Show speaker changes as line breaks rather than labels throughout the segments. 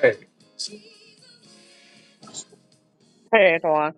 Hey,
Hey, everyone.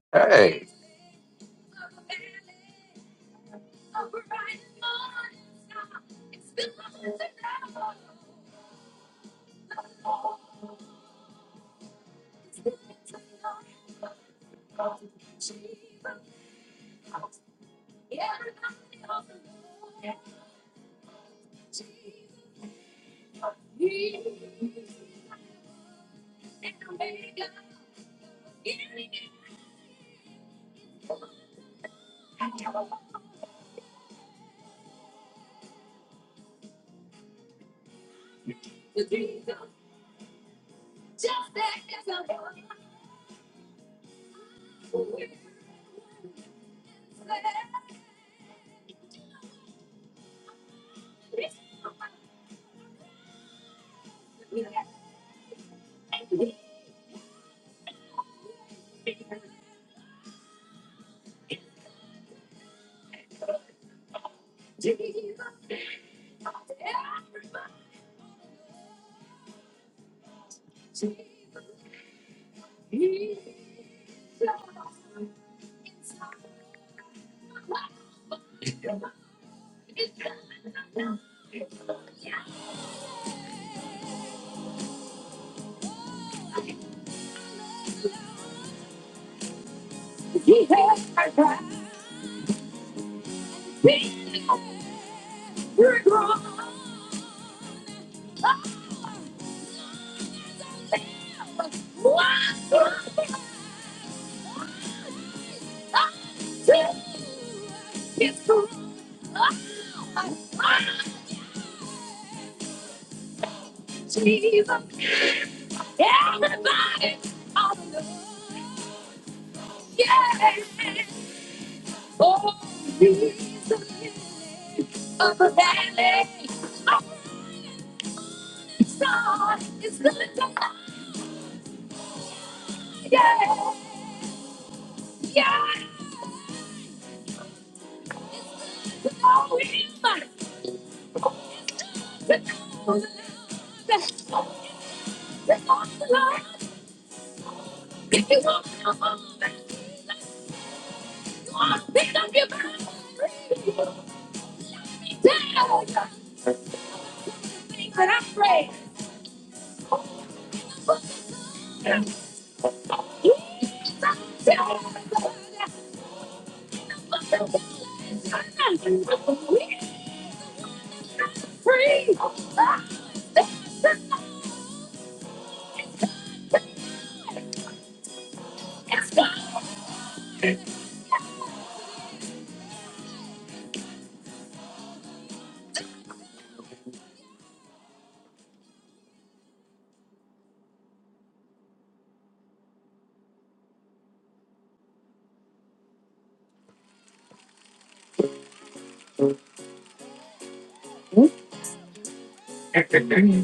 hey. Morning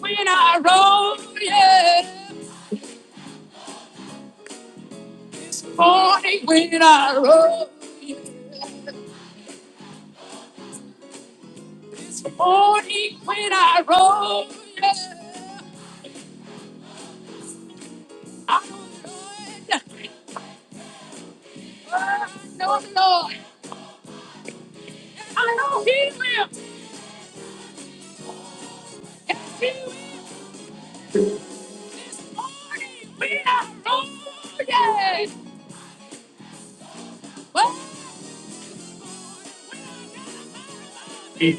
when I roll, yeah. Morning when I roll, yeah. Morning when I roll, yeah.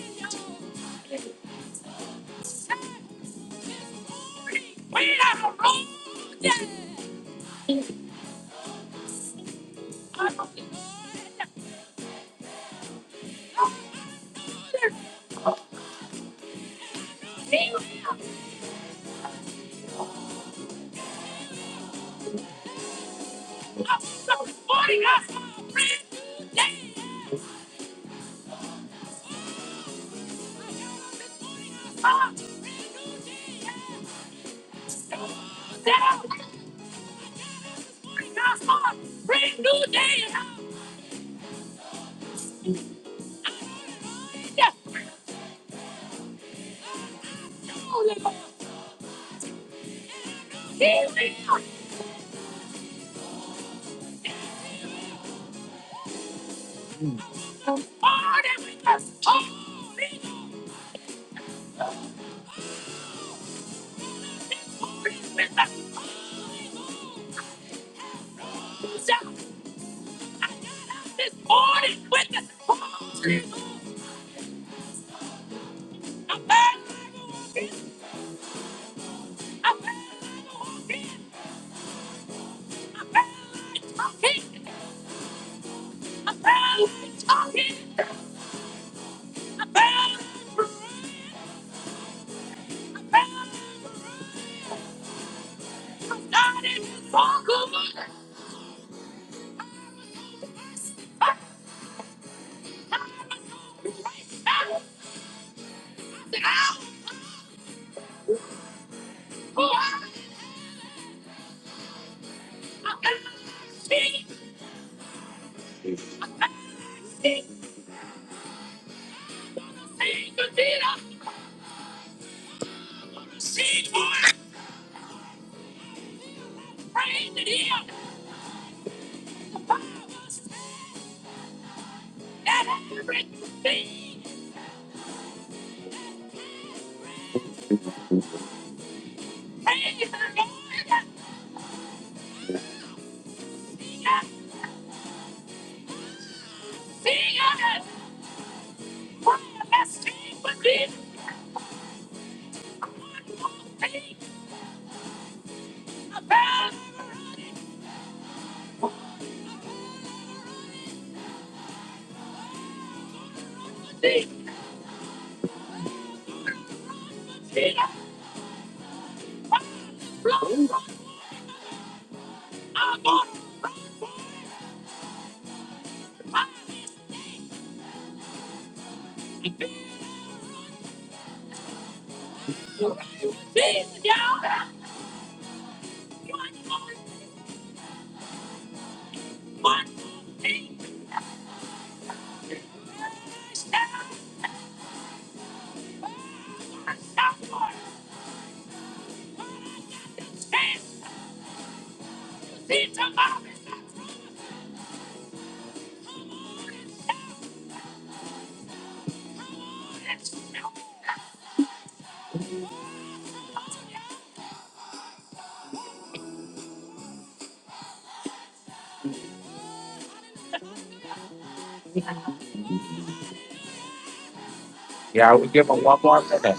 Yeah, we give them one more minute.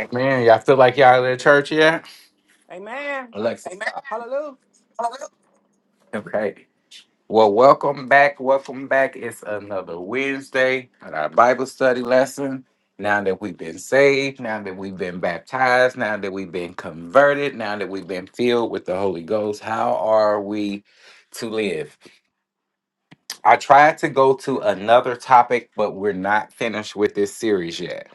Amen. Y'all feel like y'all in church yet?
Amen.
Alexa, Amen.
Hallelujah.
okay. Well, welcome back. Welcome back. It's another Wednesday at our Bible study lesson. Now that we've been saved, now that we've been baptized, now that we've been converted, now that we've been filled with the Holy Ghost, how are we to live? I tried to go to another topic, but we're not finished with this series yet.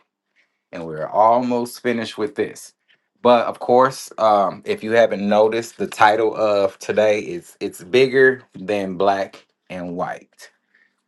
And we're almost finished with this. But of course, um, if you haven't noticed, the title of today is It's Bigger Than Black and White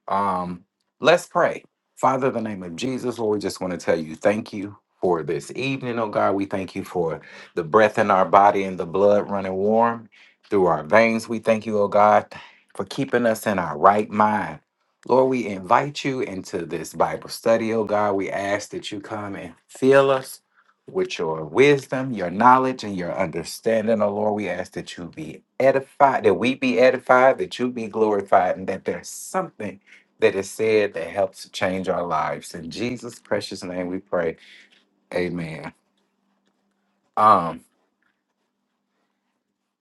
um, let's pray. Father, in the name of Jesus, Lord, we just want to tell you thank you for this evening, oh God. We thank you for the breath in our body and the blood running warm through our veins. We thank you, oh God, for keeping us in our right mind. Lord, we invite you into this Bible study, oh God. We ask that you come and fill us with your wisdom, your knowledge, and your understanding, oh Lord. We ask that you be edified, that we be edified, that you be glorified, and that there's something that is said that helps to change our lives. In Jesus' precious name we pray. Amen. Um,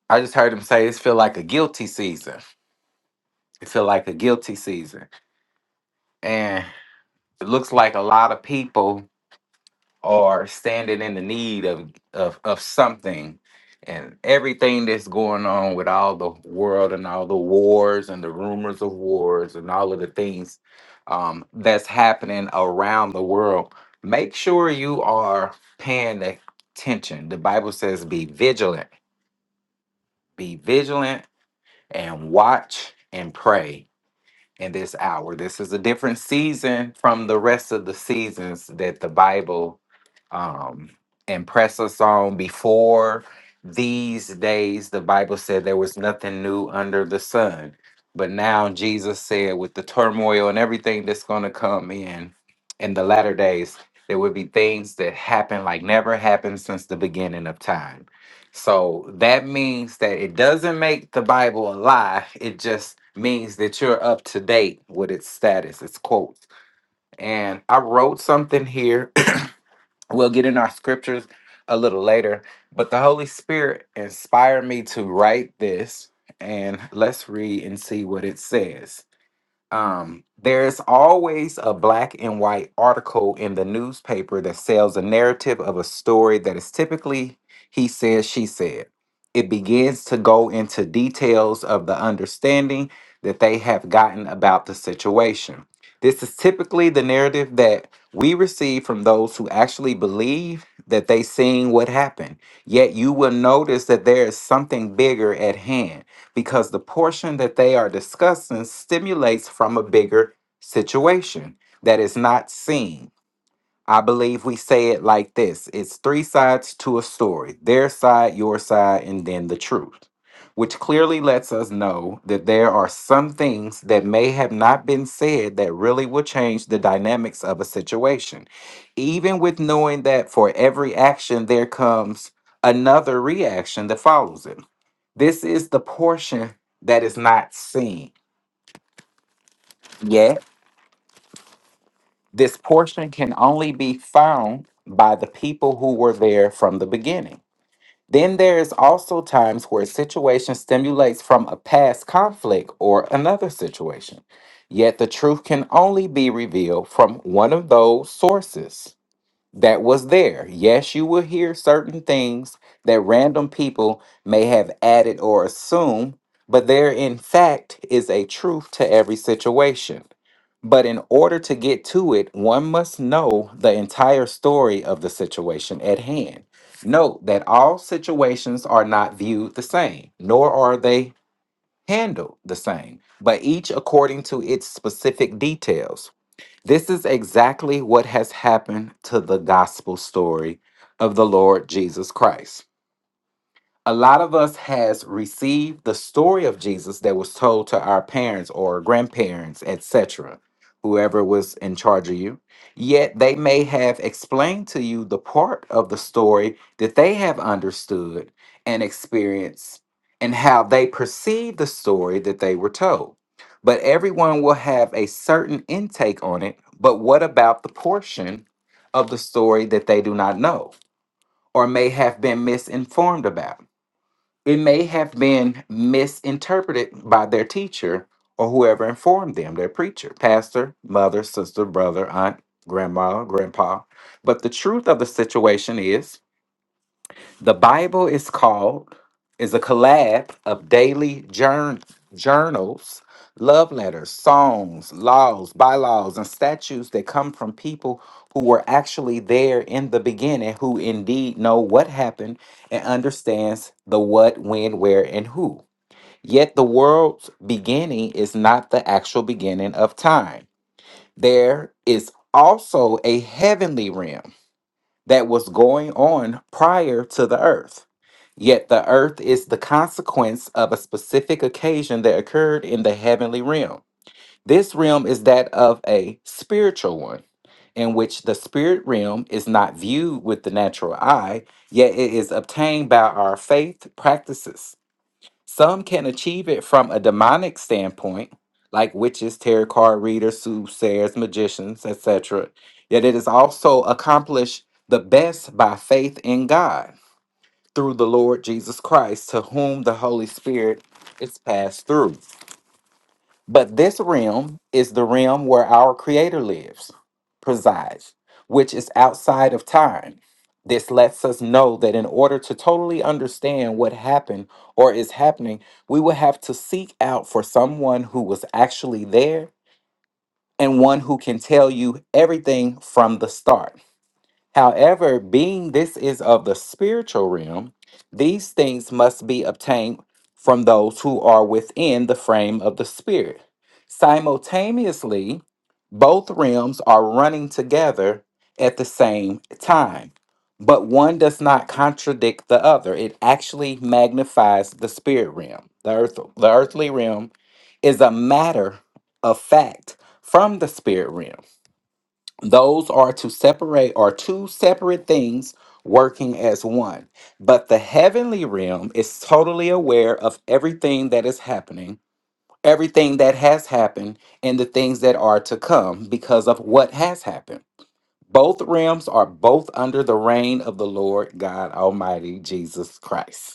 I just heard him say it's feel like a guilty season. It feel like a guilty season. And it looks like a lot of people are standing in the need of of of something and everything that's going on with all the world and all the wars and the rumors of wars and all of the things um, that's happening around the world make sure you are paying attention the bible says be vigilant be vigilant and watch and pray in this hour. This is a different season from the rest of the seasons that the Bible um, impressed us on before these days. The Bible said there was nothing new under the sun. But now Jesus said, with the turmoil and everything that's going to come in in the latter days, there would be things that happen like never happened since the beginning of time so that means that it doesn't make the Bible a lie. It just means that you're up to date with its status, its quotes. And I wrote something here. we'll get in our scriptures a little later, but the Holy Spirit inspired me to write this. And let's read and see what it says um, there's always a black and white article in the newspaper that sells a narrative of a story that is typically he said, she said. It begins to go into details of the understanding that they have gotten about the situation. This is typically the narrative that we receive from those who actually believe that they seen what happened. Yet you will notice that there is something bigger at hand because the portion that they are discussing stimulates from a bigger situation that is not seen. I believe we say it like this it's three sides to a story their side, your side, and then the truth, which clearly lets us know that there are some things that may have not been said that really will change the dynamics of a situation. Even with knowing that for every action, there comes another reaction that follows it. This is the portion that is not seen. Yet, this portion can only be found by the people who were there from the beginning. Then there is also times where a situation stimulates from a past conflict or another situation. Yet the truth can only be revealed from one of those sources. that was there. Yes, you will hear certain things that random people may have added or assume, but there, in fact, is a truth to every situation. But in order to get to it, one must know the entire story of the situation at hand. Note that all situations are not viewed the same, nor are they handled the same, but each according to its specific details. This is exactly what has happened to the gospel story of the Lord Jesus Christ a lot of us has received the story of Jesus that was told to our parents or grandparents, etc., whoever was in charge of you. Yet they may have explained to you the part of the story that they have understood and experienced and how they perceive the story that they were told. But everyone will have a certain intake on it. But what about the portion of the story that they do not know or may have been misinformed about? It may have been misinterpreted by their teacher or whoever informed them, their preacher, pastor, mother, sister, brother, aunt, grandma, grandpa. But the truth of the situation is the Bible is called is a collab of daily journ- journals, love letters, songs, laws, bylaws, and statutes that come from people who were actually there in the beginning, who indeed know what happened and understands the what, when, where, and who. Yet the world's beginning is not the actual beginning of time. There is also a heavenly realm that was going on prior to the earth. Yet the earth is the consequence of a specific occasion that occurred in the heavenly realm. This realm is that of a spiritual one, in which the spirit realm is not viewed with the natural eye, yet it is obtained by our faith practices. Some can achieve it from a demonic standpoint, like witches, tarot card readers, soothsayers, magicians, etc., yet it is also accomplished the best by faith in God through the Lord Jesus Christ, to whom the Holy Spirit is passed through. But this realm is the realm where our Creator lives, presides, which is outside of time. This lets us know that in order to totally understand what happened or is happening, we will have to seek out for someone who was actually there and one who can tell you everything from the start. However, being this is of the spiritual realm, these things must be obtained from those who are within the frame of the spirit. Simultaneously, both realms are running together at the same time, but one does not contradict the other. It actually magnifies the spirit realm. The, earth, the earthly realm is a matter of fact from the spirit realm. Those are to separate are two separate things working as one. But the heavenly realm is totally aware of everything that is happening, everything that has happened, and the things that are to come because of what has happened. Both realms are both under the reign of the Lord God Almighty Jesus Christ.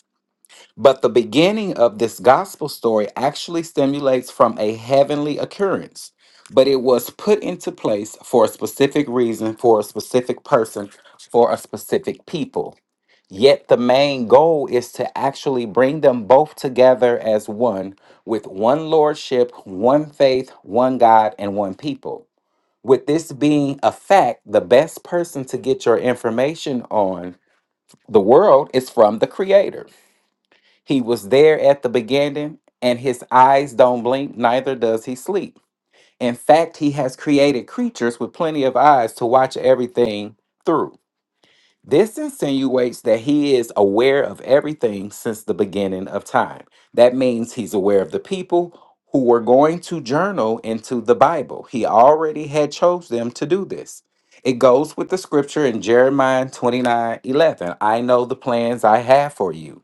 But the beginning of this gospel story actually stimulates from a heavenly occurrence, but it was put into place for a specific reason, for a specific person, for a specific people. Yet the main goal is to actually bring them both together as one, with one lordship, one faith, one God, and one people. With this being a fact, the best person to get your information on the world is from the creator. He was there at the beginning, and his eyes don't blink, neither does he sleep. In fact, he has created creatures with plenty of eyes to watch everything through. This insinuates that he is aware of everything since the beginning of time. That means he's aware of the people who were going to journal into the Bible. He already had chose them to do this. It goes with the scripture in Jeremiah 29 11. I know the plans I have for you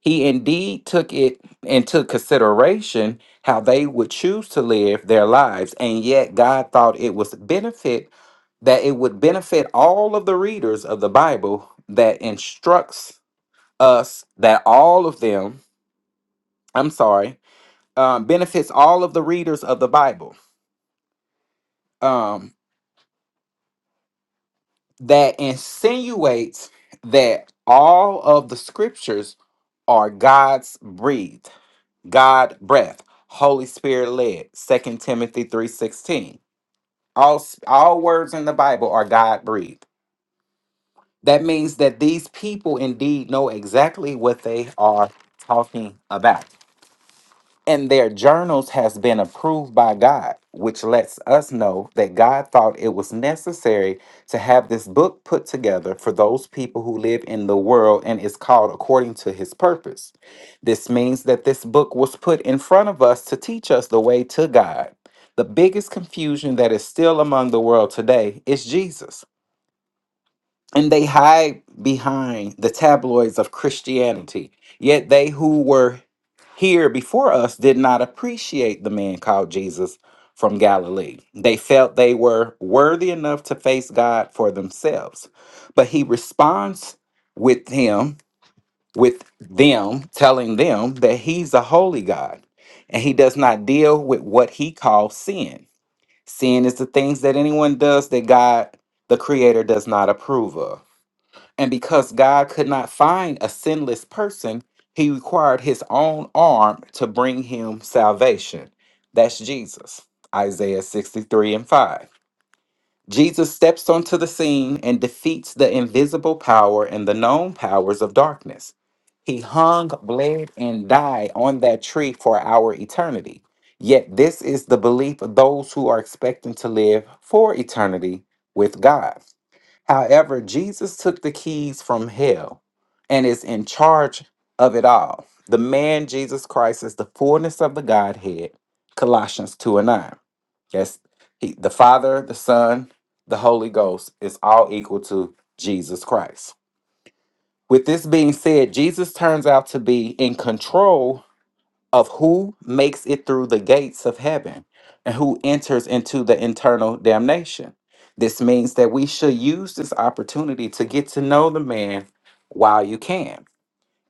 he indeed took it into consideration how they would choose to live their lives, and yet God thought it was benefit that it would benefit all of the readers of the Bible that instructs us that all of them, I'm sorry, um, benefits all of the readers of the Bible. Um, that insinuates that all of the scriptures are God's breathed, God breath, Holy Spirit led. Second Timothy 3:16. All s- all words in the Bible are God breathed. That means that these people indeed know exactly what they are talking about and their journals has been approved by God, which lets us know that God thought it was necessary to have this book put together for those people who live in the world and is called according to his purpose. This means that this book was put in front of us to teach us the way to God. The biggest confusion that is still among the world today is Jesus and they hide behind the tabloids of Christianity. Yet they who were here before us did not appreciate the man called Jesus from Galilee. They felt they were worthy enough to face God for themselves. But he responds with him with them telling them that he's a holy God and he does not deal with what he calls sin. Sin is the things that anyone does that God the creator does not approve of. And because God could not find a sinless person, he required his own arm to bring him salvation. That's Jesus, Isaiah 63 and 5. Jesus steps onto the scene and defeats the invisible power and the known powers of darkness. He hung, bled, and died on that tree for our eternity. Yet, this is the belief of those who are expecting to live for eternity with God. However, Jesus took the keys from hell and is in charge of it all. The man Jesus Christ is the fullness of the Godhead, Colossians 2 and 9. Yes, he- the Father, the Son, the Holy Ghost is all equal to Jesus Christ. With this being said, Jesus turns out to be in control of who makes it through the gates of heaven and who enters into the internal damnation. This means that we should use this opportunity to get to know the man while you can.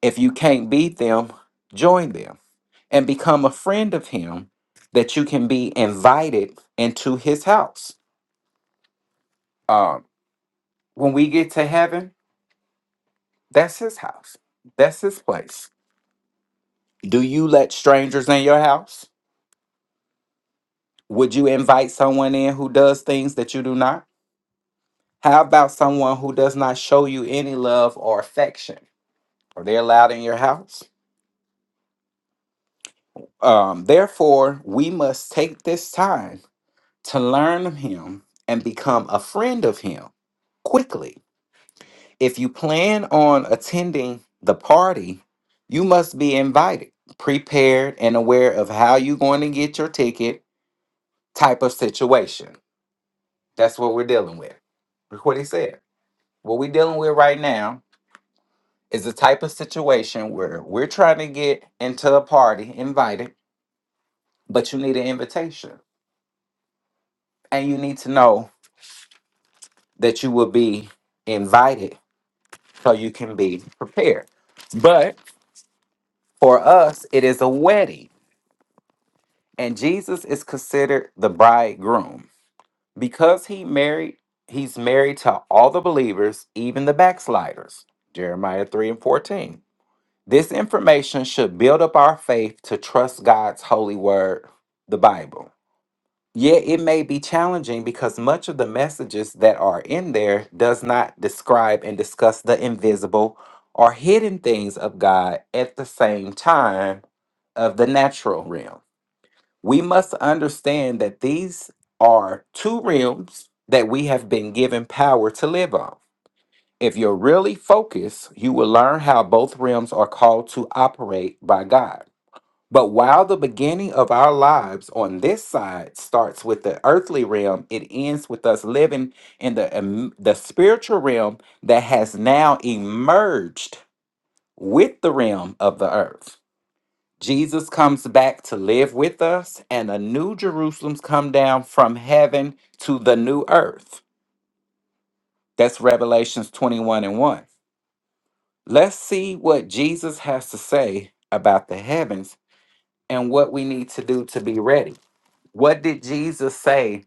If you can't beat them, join them and become a friend of him that you can be invited into his house. Um, when we get to heaven, that's his house, that's his place. Do you let strangers in your house? Would you invite someone in who does things that you do not? How about someone who does not show you any love or affection? Are they allowed in your house? Um, therefore, we must take this time to learn of him and become a friend of him quickly. If you plan on attending the party, you must be invited, prepared, and aware of how you're going to get your ticket type of situation. That's what we're dealing with. Look what he said. What we're dealing with right now is the type of situation where we're trying to get into a party, invited, but you need an invitation. And you need to know that you will be invited so you can be prepared. But for us, it is a wedding, and Jesus is considered the bridegroom. Because he married, he's married to all the believers, even the backsliders. Jeremiah 3 and 14. This information should build up our faith to trust God's holy word, the Bible. Yeah, it may be challenging because much of the messages that are in there does not describe and discuss the invisible or hidden things of God at the same time of the natural realm. We must understand that these are two realms that we have been given power to live on. If you're really focused, you will learn how both realms are called to operate by God. But while the beginning of our lives on this side starts with the earthly realm, it ends with us living in the, im- the spiritual realm that has now emerged with the realm of the earth. Jesus comes back to live with us, and a new Jerusalem's come down from heaven to the new earth. That's Revelations 21 and 1. Let's see what Jesus has to say about the heavens and what we need to do to be ready. What did Jesus say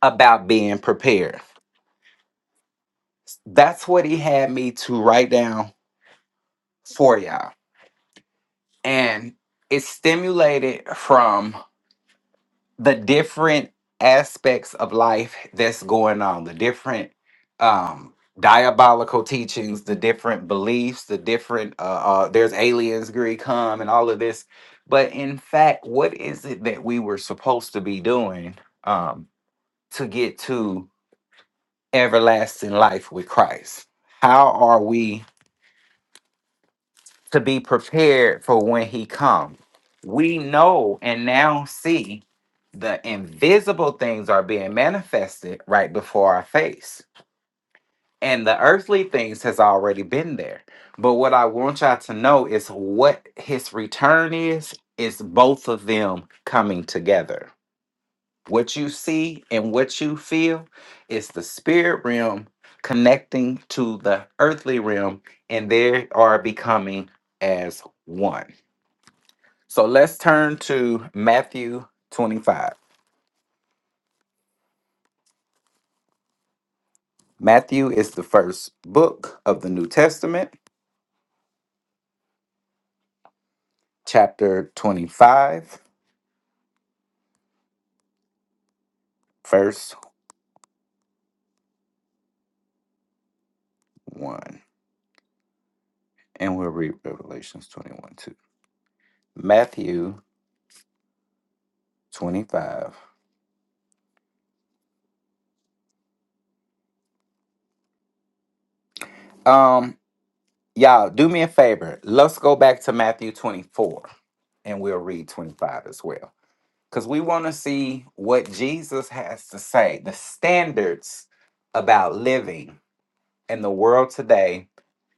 about being prepared? That's what he had me to write down for y'all. And it stimulated from the different aspects of life that's going on, the different um diabolical teachings, the different beliefs, the different uh, uh there's aliens Greek come and all of this. But in fact, what is it that we were supposed to be doing um to get to everlasting life with Christ? How are we to be prepared for when he comes? We know and now see the invisible things are being manifested right before our face. And the earthly things has already been there. But what I want y'all to know is what his return is, is both of them coming together What you see and what you feel is the spirit realm connecting to the earthly realm, and they are becoming as one. So let's turn to Matthew 25. Matthew is the first book of the New Testament, chapter 25, verse 1. And we'll read Revelations 21 too. Matthew 25. Um, y'all, do me a favor. Let's go back to Matthew 24 and we'll read 25 as well. Because we want to see what Jesus has to say, the standards about living in the world today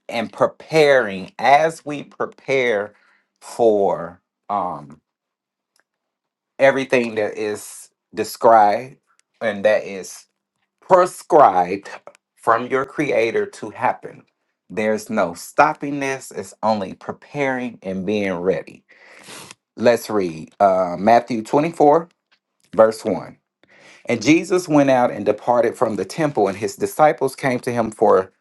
and preparing as we prepare for um, everything that is described and that is prescribed from your creator to happen. There's no stopping this, it's only preparing and being ready. Let's read uh, Matthew 24 Verse 1. And Jesus went out and departed from the temple, and his disciples came to him for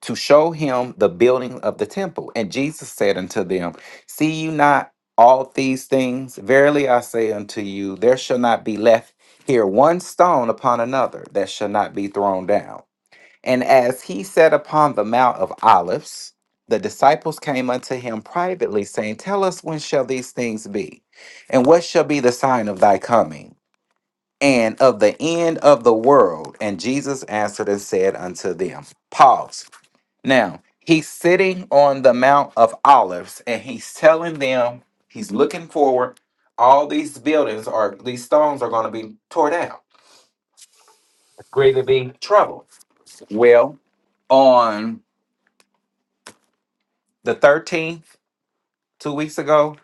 to show him the building of the temple. And Jesus said unto them, See you not all these things? Verily I say unto you, there shall not be left here one stone upon another that shall not be thrown down. And as he sat upon the Mount of Olives, the disciples came unto him privately, saying, Tell us when shall these things be? And what shall be the sign of thy coming? and of the end of the world. And Jesus answered and said unto them, Pause. Now, he's sitting on the Mount of Olives and he's telling them, he's looking forward, all these buildings are, these stones are going to be torn down. Greatly be trouble. Well, on the 13th, two weeks ago,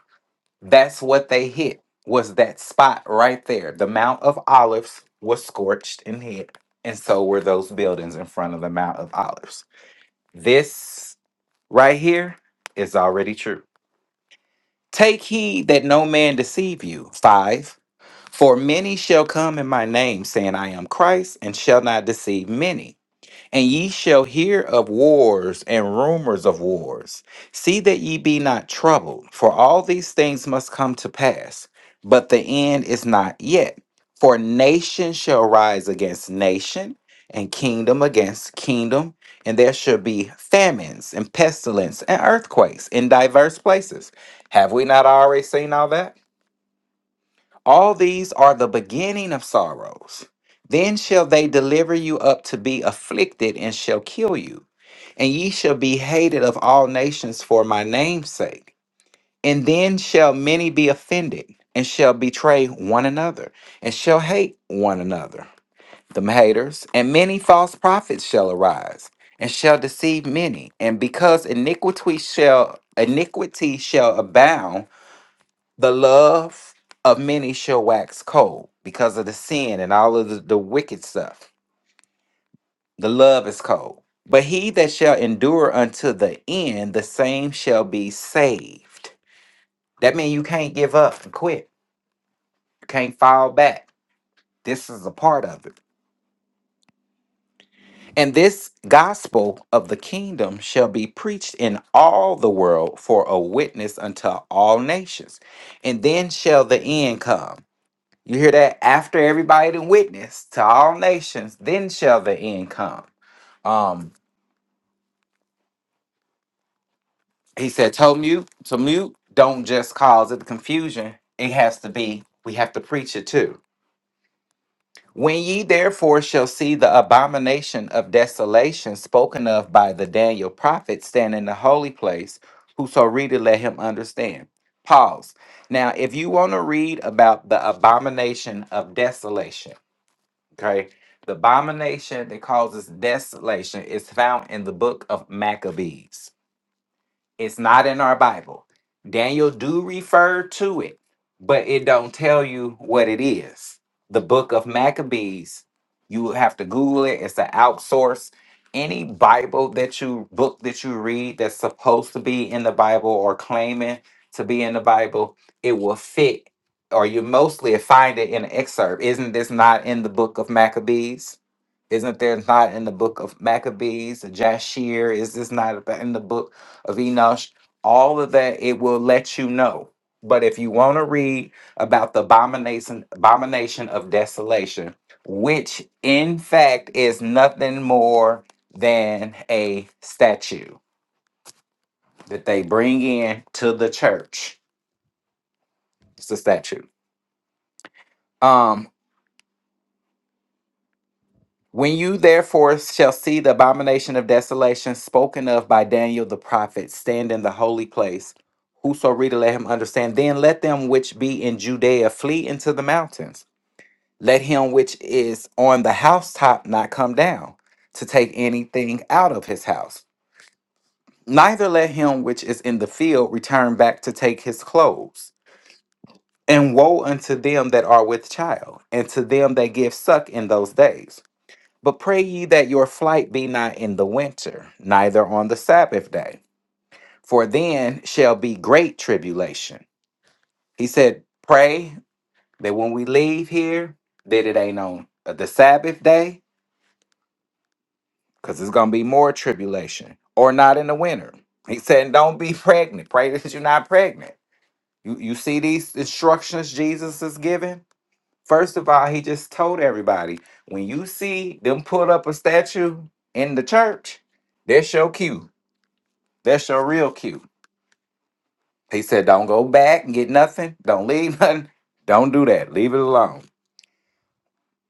That's what they hit was that spot right there. The Mount of Olives was scorched and hit, and so were those buildings in front of the Mount of Olives. This right here is already true. Take heed that no man deceive you. Five. For many shall come in my name, saying, I am Christ, and shall not deceive many. And ye shall hear of wars and rumors of wars. See that ye be not troubled, for all these things must come to pass, but the end is not yet. For nation shall rise against nation, and kingdom against kingdom, and there shall be famines and pestilence and earthquakes in diverse places. Have we not already seen all that? All these are the beginning of sorrows. Then shall they deliver you up to be afflicted and shall kill you. And ye shall be hated of all nations for my name's sake. And then shall many be offended and shall betray one another and shall hate one another. The haters and many false prophets shall arise and shall deceive many. And because iniquity shall iniquity shall abound, the love of many shall wax cold because of the sin and all of the, the wicked stuff. The love is cold. But he that shall endure unto the end, the same shall be saved. That means you can't give up and quit. You can't fall back. This is a part of it. And this gospel of the kingdom shall be preached in all the world for a witness unto all nations. And then shall the end come. You hear that? After everybody done witnessed to all nations, then shall the end come. Um, he said, to mute, to mute, don't just cause it confusion. It has to be, we have to preach it too. When ye therefore shall see the abomination of desolation spoken of by the Daniel prophet stand in the holy place, whoso readeth, let him understand. Pause. Now, if you want to read about the abomination of desolation, Okay. The abomination that causes desolation is found in the book of Maccabees. It's not in our Bible. Daniel do refer to it, but it don't tell you what it is. The book of Maccabees, you will have to Google it. It's an outsource. Any Bible that you book that you read that's supposed to be in the Bible or claiming to be in the Bible, it will fit, or you mostly find it in an excerpt. Isn't this not in the book of Maccabees? Isn't there not in the book of Maccabees, Jashir? Is this not about- in the book of Enosh? All of that, it will let you know. But if you want to read about the abomination, abomination of desolation, which in fact is nothing more than a statue that they bring in to the church, it's a statue. Um. When you therefore shall see the abomination of desolation spoken of by Daniel the prophet stand in the holy place, whoso reader let him understand. Then let them which be in Judea flee into the mountains. Let him which is on the housetop not come down to take anything out of his house. Neither let him which is in the field return back to take his clothes. And woe unto them that are with child, and to them that give suck in those days. But pray ye that your flight be not in the winter, neither on the Sabbath day, for then shall be great tribulation. He said, Pray that when we leave here, that it ain't on the Sabbath day, because it's going to be more tribulation, or not in the winter. He said, Don't be pregnant. Pray that you're not pregnant. You, you see these instructions Jesus is giving? First of all, he just told everybody when you see them put up a statue in the church, that's your cue That's your real cue. He said, don't go back and get nothing. Don't leave nothing. Don't do that. Leave it alone.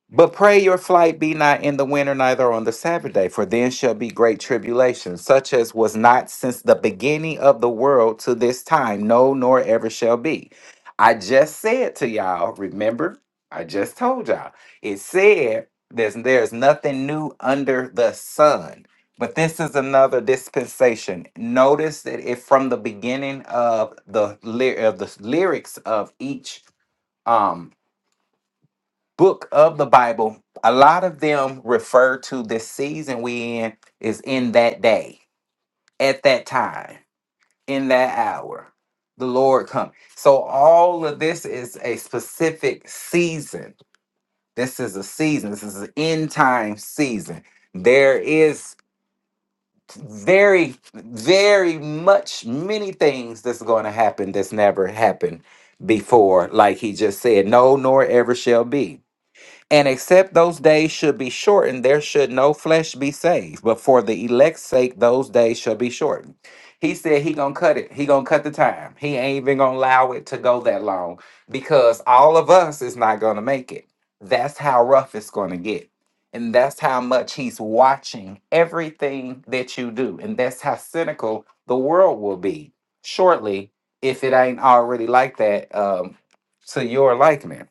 But pray your flight be not in the winter, neither on the Sabbath day, for then shall be great tribulation, such as was not since the beginning of the world to this time, no, nor ever shall be. I just said to y'all, remember, I just told y'all, it said there's, there's nothing new under the sun. But this is another dispensation. Notice that it from the beginning of the ly- of the lyrics of each um book of the Bible, a lot of them refer to this season we in is in that day, at that time, in that hour, the Lord come. So all of this is a specific season. This is a season. This is an end time season. There is very, very much many things that's going to happen that's never happened before, like he just said, no, nor ever shall be and except those days should be shortened, there should no flesh be saved. But for the elect's sake, those days shall be shortened. He said he gonna cut it. He gonna cut the time. He ain't even gonna allow it to go that long because all of us is not gonna make it. That's how rough it's gonna get. And that's how much he's watching everything that you do. And that's how cynical the world will be shortly if it ain't already like that um, to your likeness.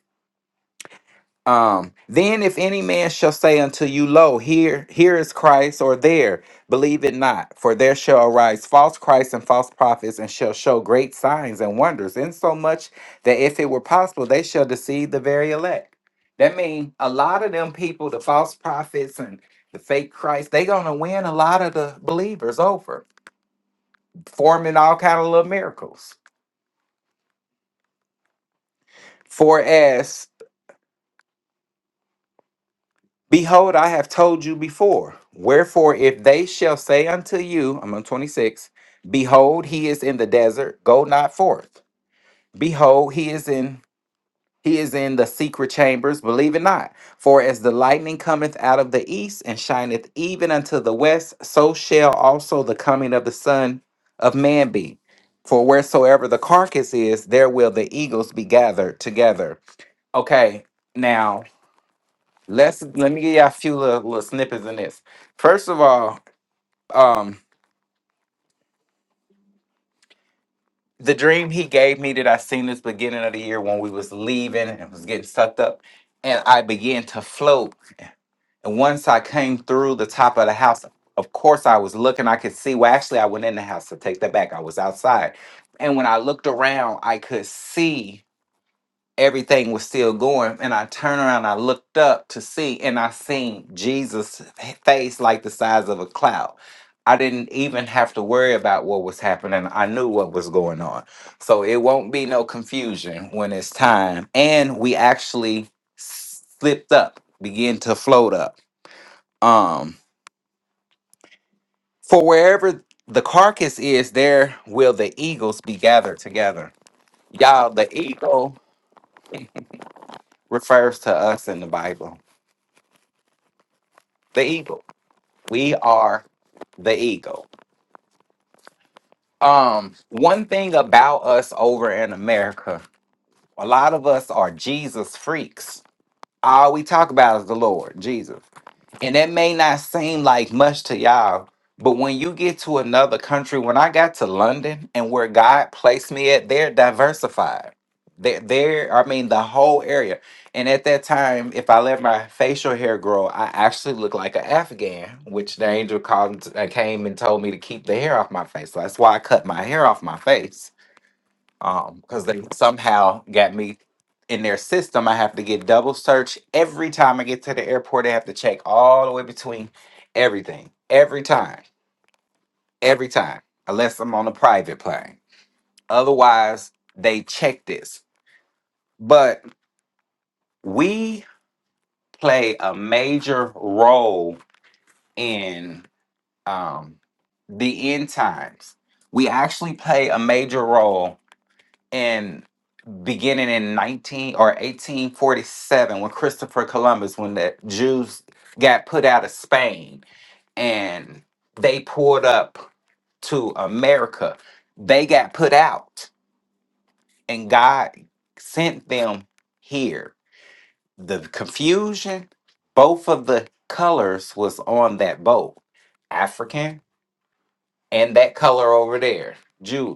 Um, then if any man shall say unto you, Lo, here, here is Christ, or there, believe it not, for there shall arise false Christs and false prophets, and shall show great signs and wonders, insomuch that if it were possible, they shall deceive the very elect. That means a lot of them people, the false prophets and the fake Christ, they gonna win a lot of the believers over, forming all kind of little miracles. For as Behold, I have told you before. Wherefore, if they shall say unto you, I'm on 26, Behold, he is in the desert, go not forth. Behold, he is in he is in the secret chambers, believe it not. For as the lightning cometh out of the east and shineth even unto the west, so shall also the coming of the Son of Man be. For wheresoever the carcass is, there will the eagles be gathered together. Okay, now Let's let me give y'all a few little, little snippets in this. First of all, um, the dream he gave me that I seen this beginning of the year when we was leaving and was getting sucked up, and I began to float. And once I came through the top of the house, of course I was looking. I could see. Well, actually, I went in the house to take that back. I was outside, and when I looked around, I could see everything was still going. And I turned around, I looked up to see, and I seen Jesus' face like the size of a cloud. I didn't even have to worry about what was happening. I knew what was going on. So it won't be no confusion when it's time. And we actually slipped up, begin to float up. Um, for wherever the carcass is, there will the eagles be gathered together. Y'all, the eagle refers to us in the Bible. The eagle. We are the ego. Um, one thing about us over in America, a lot of us are Jesus freaks. All we talk about is the Lord, Jesus. And that may not seem like much to y'all, but when you get to another country, when I got to London and where God placed me at, they're diversified. They're, they're, I mean, the whole area. And at that time, if I let my facial hair grow, I actually looked like an Afghan, which the angel called, and t- uh, came and told me to keep the hair off my face. So that's why I cut my hair off my face because they somehow got me in their system. I have to get double search every time I get to the airport. I have to check all the way between everything, every time, every time, unless I'm on a private plane. Otherwise, they check this. But we play a major role in um, the end times. We actually play a major role beginning in 19 or 1847 when Christopher Columbus, when the Jews got put out of Spain and they pulled up to America, they got put out and God sent them here. The confusion, both of the colors was on that boat, African and that color over there, Jew.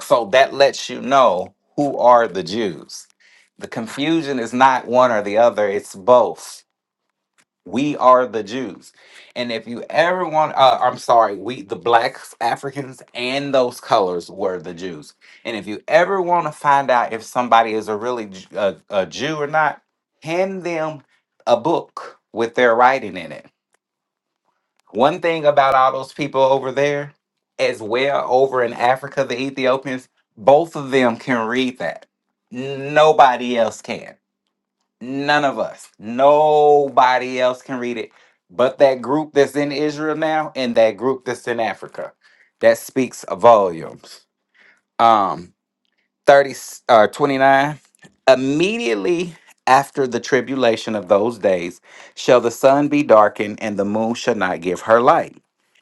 So that lets you know who are the Jews. The confusion is not one or the other, it's both. We are the Jews. And if you ever want, uh, I'm sorry, we, the blacks, Africans, and those colors were the Jews. And if you ever want to find out if somebody is a really J- a, a Jew or not, hand them a book with their writing in it one thing about all those people over there, as well over in Africa, the Ethiopians, both of them can read that. Nobody else can. None of us. Nobody else can read it. But that group that's in Israel now and that group that's in Africa. That speaks volumes. Um, 30 or 29 immediately after the tribulation of those days shall the sun be darkened and the moon shall not give her light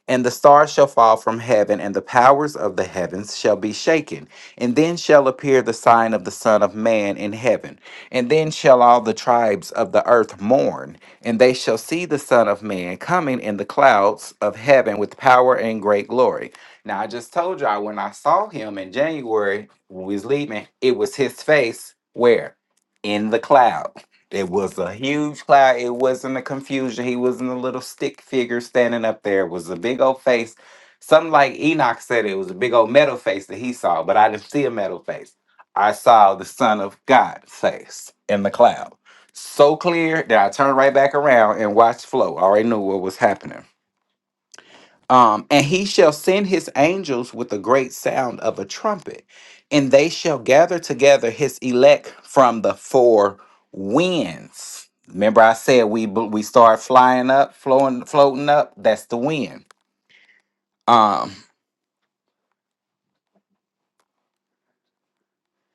and the stars shall fall from heaven and the powers of the heavens shall be shaken and then shall appear the sign of the son of man in heaven and then shall all the tribes of the earth mourn and they shall see the son of man coming in the clouds of heaven with power and great glory now i just told y'all when i saw him in january when we was leaving, it was his face where? In the cloud. It was a huge cloud. It wasn't a confusion. He wasn't a little stick figure standing up there. It was a big old face. Something like Enoch said it was a big old metal face that he saw, but I didn't see a metal face. I saw the Son of God face in the cloud. So clear that I turned right back around and watched flow. I already knew what was happening. Um, and he shall send his angels with a great sound of a trumpet, and they shall gather together his elect from the four winds. Remember, I said we bl- we start flying up, flowing, floating up. That's the wind. Um,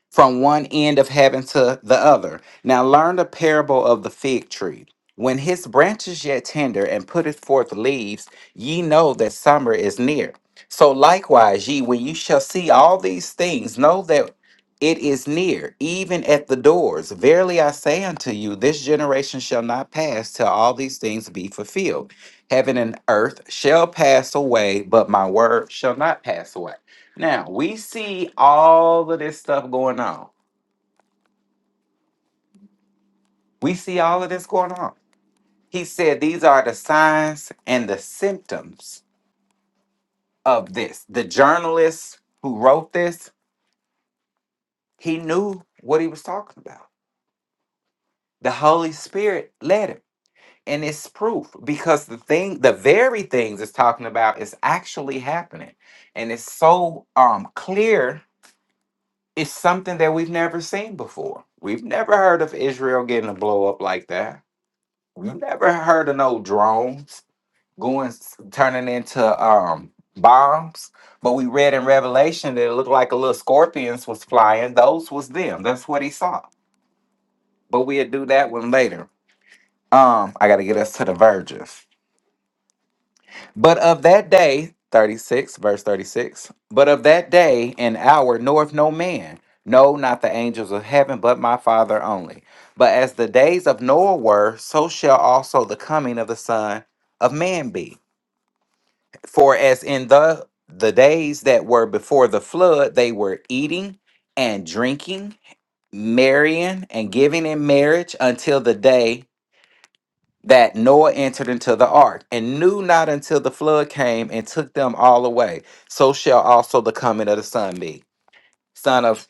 from one end of heaven to the other. Now learn the parable of the fig tree. When his branch is yet tender and putteth forth leaves, ye know that summer is near. So likewise, ye, when you shall see all these things, know that it is near, even at the doors. Verily I say unto you, this generation shall not pass till all these things be fulfilled. Heaven and earth shall pass away, but my word shall not pass away. Now we see all of this stuff going on. We see all of this going on. He said these are the signs and the symptoms of this. The journalist who wrote this, he knew what he was talking about. The Holy Spirit led him. And it's proof because the thing, the very things it's talking about is actually happening. And it's so um clear, it's something that we've never seen before. We've never heard of Israel getting a blow up like that You never heard of no drones going turning into um bombs, but we read in Revelation that it looked like a little scorpions was flying. Those was them. That's what he saw. But we'll do that one later. Um, I gotta get us to the verges. But of that day, 36, verse 36, but of that day and hour knoweth no man, no, not the angels of heaven, but my father only. But as the days of Noah were, so shall also the coming of the Son of Man be. For as in the the days that were before the flood, they were eating and drinking, marrying and giving in marriage until the day that Noah entered into the ark, and knew not until the flood came and took them all away. So shall also the coming of the son be, son of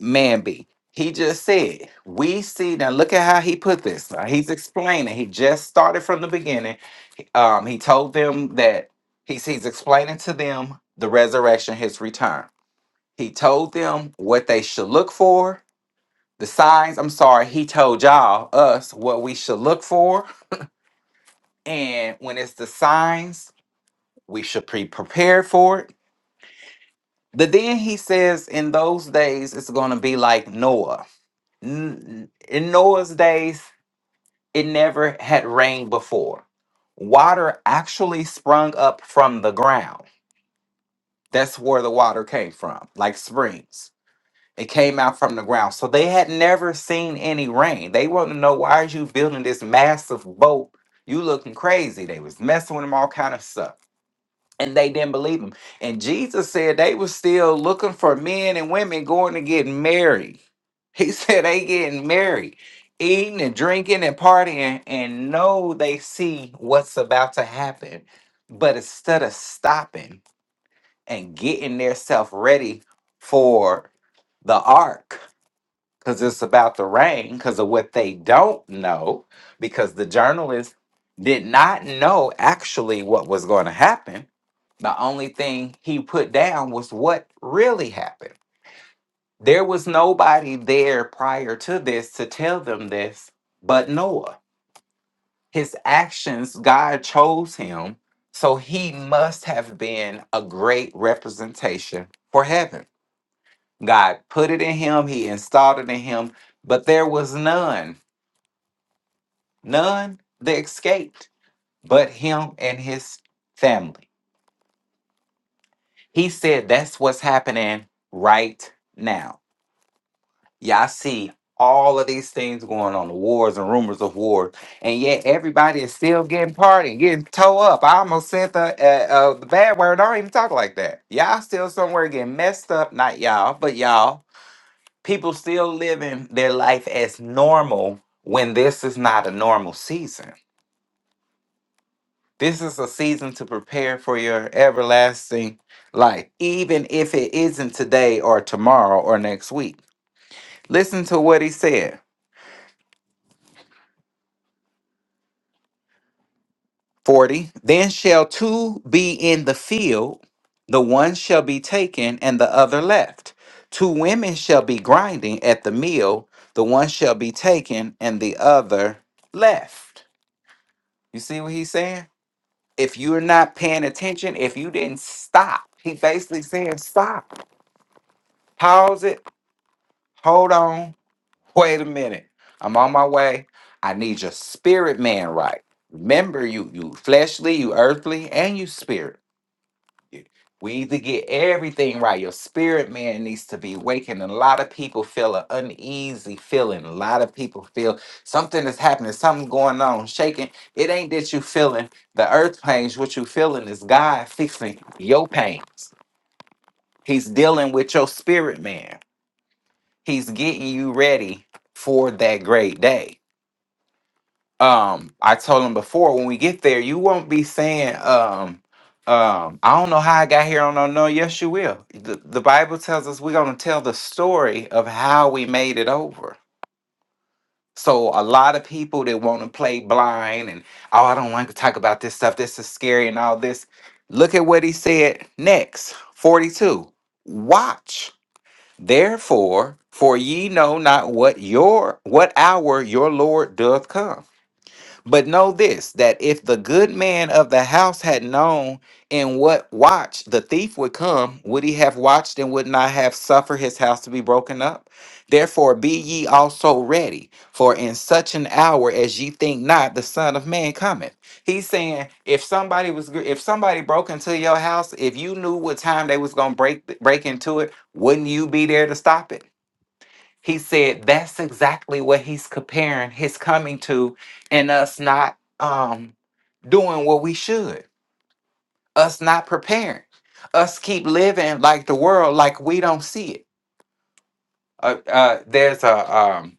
man be. He just said, We see now look at how he put this. Now, he's explaining. He just started from the beginning um, he told them that he's he's explaining to them the resurrection, his return. He told them what they should look for, the signs. I'm sorry, he told y'all us what we should look for, and when it's the signs, we should be prepared for it. But then he says, in those days, it's going to be like Noah. N- In Noah's days, it never had rained before. Water actually sprung up from the ground That's where the water came from, like springs. It came out from the ground. So they had never seen any rain. They wanted to know why are you building this massive boat? You looking crazy. They was messing with them all kind of stuff. And they didn't believe him. And Jesus said they was still looking for men and women going to get married. He said they getting married, eating and drinking and partying, and no, they see what's about to happen. But instead of stopping, and getting theirself ready for the ark because it's about to rain because of what they don't know because the journalist did not know actually what was going to happen the only thing he put down was what really happened there was nobody there prior to this to tell them this but noah his actions god chose him so he must have been a great representation for heaven God put it in him, he installed it in him, but there was none, none that escaped but him and his family. He said that's what's happening right now. Y'all see all of these things going on, the wars and rumors of wars and yet everybody is still getting partying, getting toe up. I almost sent the, uh, uh, the bad word. I don't even talk like that. Y'all still somewhere getting messed up, not y'all, but y'all People still living their life as normal when this is not a normal season. This is a season to prepare for your everlasting life, even if it isn't today or tomorrow or next week. Listen to what he said 40. Then shall two be in the field, the one shall be taken and the other left. Two women shall be grinding at the mill, the one shall be taken and the other left. You see what he's saying? if you're not paying attention, if you didn't stop, he basically saying, stop, pause it, hold on, wait a minute. I'm on my way. I need your spirit man right. Remember, you you fleshly, you earthly, and you spirit. We need to get everything right. Your spirit man needs to be waking. And a lot of people feel an uneasy feeling. A lot of people feel something is happening, something going on, shaking. It ain't that you feeling the earth pains. What you feeling is God fixing your pains. He's dealing with your spirit man. He's getting you ready for that great day um I told him before when we get there, you won't be saying um um I don't know how I got here. I don't know. No, Yes, you will. The, the Bible tells us we're gonna tell the story of how we made it over. So a lot of people that want to play blind and oh I don't like to talk about this stuff. This is scary and all this. Look at what he said next, 42. Watch therefore, for ye know not what your what hour your Lord doth come. But know this that if the good man of the house had known in what watch the thief would come, would he have watched and would not have suffered his house to be broken up? Therefore, be ye also ready, for in such an hour as ye think not, the Son of Man cometh. He's saying if somebody was gr- if somebody broke into your house, if you knew what time they was gonna break break into it, wouldn't you be there to stop it? He said that's exactly what he's comparing his coming to and us not um doing what we should, us not preparing, us keep living like the world, like we don't see it uh, uh, there's a um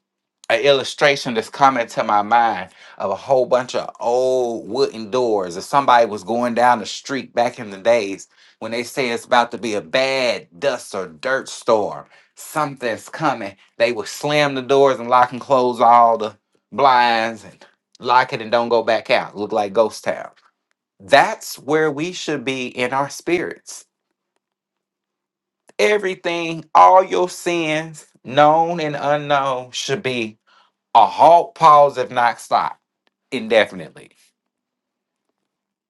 an illustration that's coming to my mind of a whole bunch of old wooden doors. If somebody was going down the street back in the days when they say it's about to be a bad dust or dirt storm, something's coming, they would slam the doors and lock and close all the blinds and lock it and don't go back out. Look like ghost town. That's where we should be in our spirits everything, all your sins, known and unknown, should be a halt, pause, if not stop, indefinitely.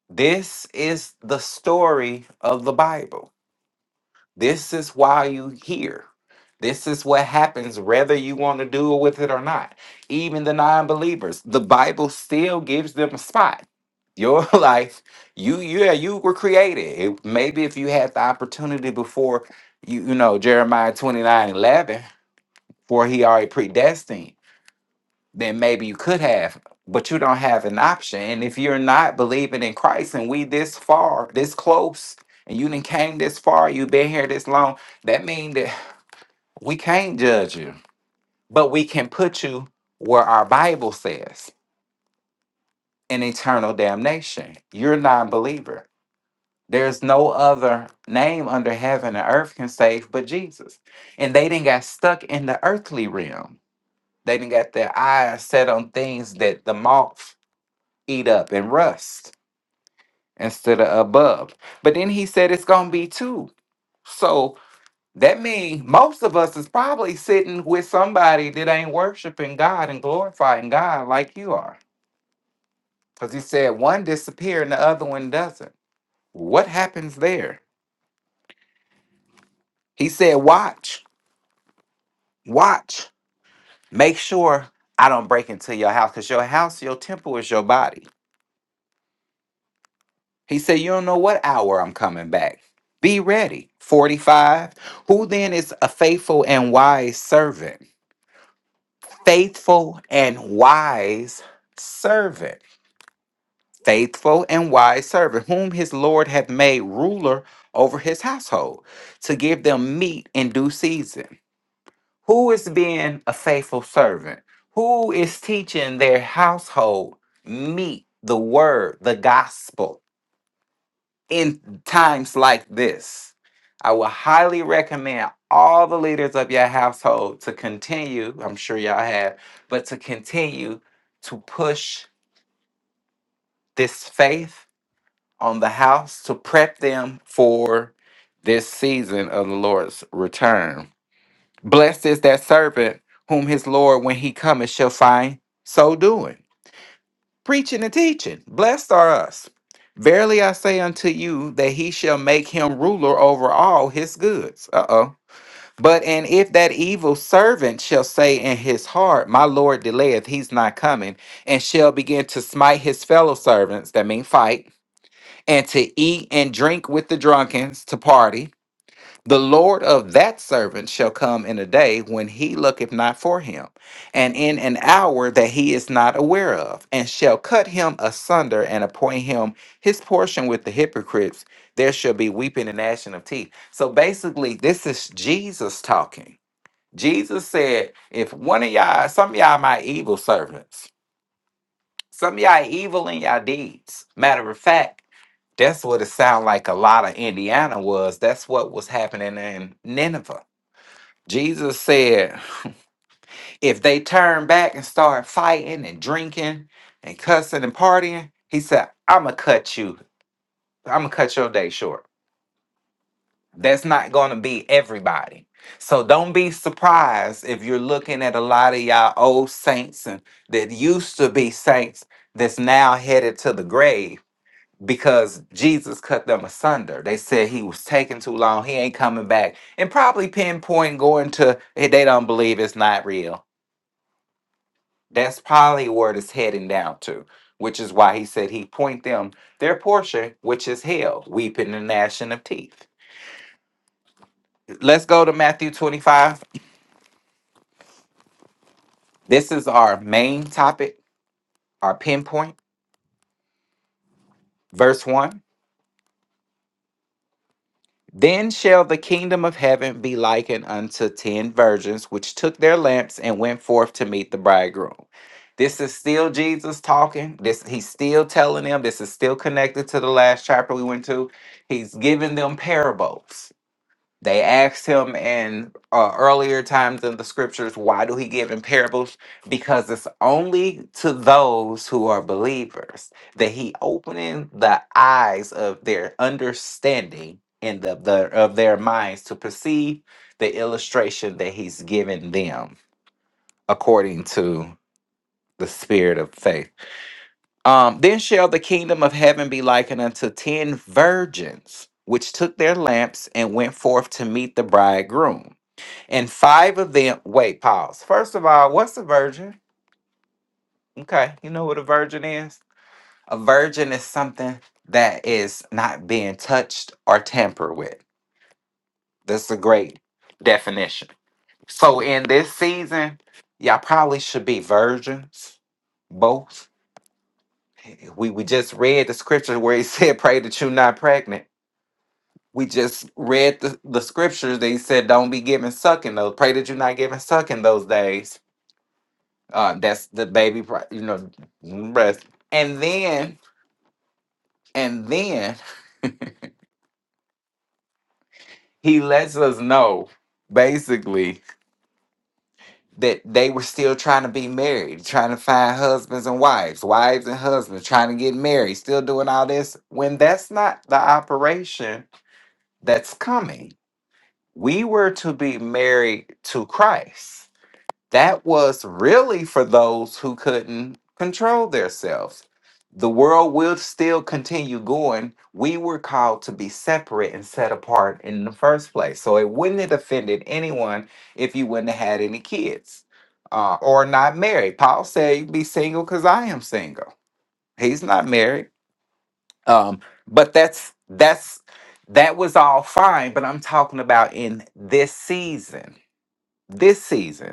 This is the story of the Bible. This is why you hear. This is what happens whether you want to do with it or not. Even the non believers, the Bible still gives them a spot. Your life, you, yeah, you were created. It- maybe if you had the opportunity before, you, you know, Jeremiah 29 11. for he already predestined, then maybe you could have, but you don't have an option. And if you're not believing in Christ and we this far, this close, and you didn't came this far, you've been here this long, that means that we can't judge you, but we can put you where our Bible says in eternal damnation. You're a non believer. There's no other name under heaven and earth can save but Jesus. And they didn't got stuck in the earthly realm They didn't got their eyes set on things that the moth eat up and rust instead of above. But then he said it's gonna be two. So that means most of us is probably sitting with somebody that ain't worshiping God and glorifying God like you are. Because he said one disappeared and the other one doesn't. What happens there? He said, watch, watch, make sure I don't break into your house because your house, your temple is your body. He said, You don't know what hour I'm coming back. Be ready. 45. Who then is a faithful and wise servant? Faithful and wise servant. Faithful and wise servant, whom his Lord hath made ruler over his household to give them meat in due season. Who is being a faithful servant? Who is teaching their household meat, the word, the gospel? in times like this. I would highly recommend all the leaders of your household to continue, I'm sure y'all have, but to continue to push this faith on the house to prep them for this season of the Lord's return. Blessed is that servant whom his Lord, when he cometh, shall find so doing. preaching and teaching. Blessed are us. Verily I say unto you that he shall make him ruler over all his goods. Uh oh. But and if that evil servant shall say in his heart, My Lord delayeth, he's not coming, and shall begin to smite his fellow servants, that mean fight, and to eat and drink with the drunkens, to party, the Lord of that servant shall come in a day when he looketh not for him, and in an hour that he is not aware of, and shall cut him asunder and appoint him his portion with the hypocrites. There shall be weeping and gnashing of teeth. So basically, this is Jesus talking. Jesus said, If one of y'all, some of y'all my evil servants, some of y'all evil in y'all deeds. Matter of fact, that's what it sounded like a lot of Indiana was. That's what was happening in Nineveh Jesus said, if they turn back and start fighting and drinking and cussing and partying, he said, I'm going to cut you. I'm going to cut your day short. That's not going to be everybody. So don't be surprised if you're looking at a lot of y'all old saints and that used to be saints that's now headed to the grave because Jesus cut them asunder. They said he was taking too long. He ain't coming back. And probably pinpoint going to, "Hey, they don't believe it's not real That's probably where it's heading down to, which is why he said he point them their portion, which is hell, weeping and gnashing of teeth. Let's go to Matthew 25. This is our main topic, our pinpoint. Verse 1 Then shall the kingdom of heaven be likened unto ten virgins, which took their lamps and went forth to meet the bridegroom. This is still Jesus talking. This he's still telling them. This is still connected to the last chapter we went to. He's giving them parables They asked him in uh, earlier times in the scriptures, why do he give in parables? Because it's only to those who are believers that he opening the eyes of their understanding and of the of their minds to perceive the illustration that he's given them according to the spirit of faith. Um, then shall the kingdom of heaven be likened unto ten virgins, which took their lamps and went forth to meet the bridegroom. And five of them, wait, pause. First of all, what's a virgin? Okay, you know what a virgin is? A virgin is something that is not being touched or tampered with. That's a great definition. So in this season, y'all probably should be virgins, both. We, we just read the scripture where he said, Pray that you're not pregnant. We just read the, the scriptures that he said, Don't be giving sucking those. Pray that you're not giving sucking those days Uh, that's the baby, pri- you know, breast. And then, and then he lets us know basically that they were still trying to be married, trying to find husbands and wives, wives and husbands, trying to get married, still doing all this when that's not the operation that's coming. We were to be married to Christ. that was really for those who couldn't control themselves. The world will still continue going. We were called to be separate and set apart in the first place. So it wouldn't have offended anyone if you wouldn't have had any kids uh, or not married. Paul said, you be single because I am single. He's not married. Um, but that's that's that was all fine, but I'm talking about in this season. This season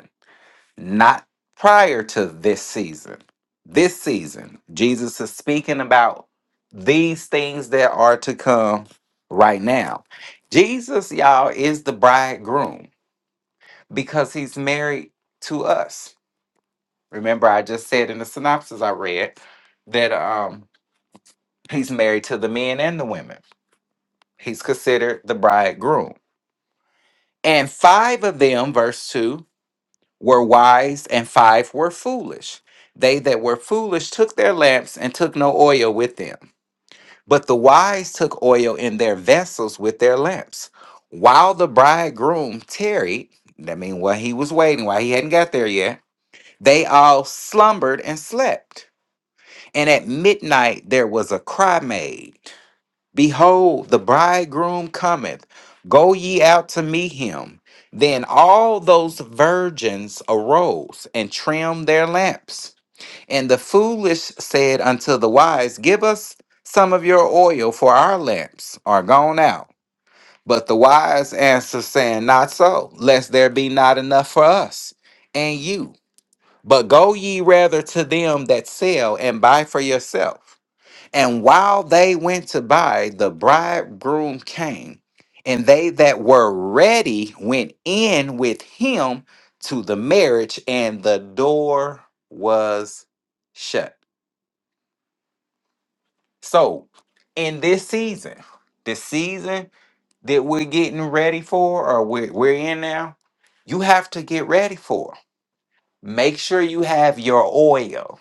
not prior to this season. This season, Jesus is speaking about these things that are to come right now. Jesus, y'all, is the bridegroom because he's married to us. Remember, I just said in the synopsis I read that um, he's married to the men and the women. He's considered the bridegroom. And five of them, verse 2, were wise and five were foolish. They that were foolish took their lamps and took no oil with them. But the wise took oil in their vessels with their lamps. While the bridegroom tarried, that mean while he was waiting, while he hadn't got there yet, they all slumbered and slept. And at midnight there was a cry made Behold, the bridegroom cometh. Go ye out to meet him. Then all those virgins arose and trimmed their lamps. And the foolish said unto the wise, Give us some of your oil, for our lamps are gone out. But the wise answered, saying, Not so, lest there be not enough for us and you. But go ye rather to them that sell and buy for yourself. And while they went to buy, the bridegroom came, and they that were ready went in with him to the marriage, and the door was shut. So, in this season, the season that we're getting ready for, or we're, we're in now, you have to get ready for. Make sure you have your oil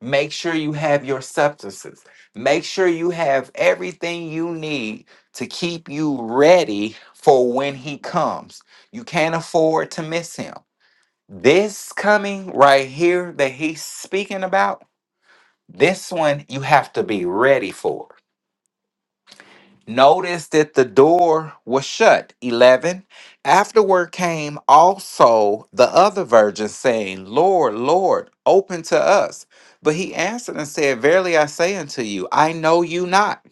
Make sure you have your substances. Make sure you have everything you need to keep you ready for when he comes. You can't afford to miss him. This coming right here that he's speaking about, this one you have to be ready for. Notice that the door was shut. 11. Afterward came also the other virgins, saying, Lord, Lord, open to us. But he answered and said, Verily I say unto you, I know you not.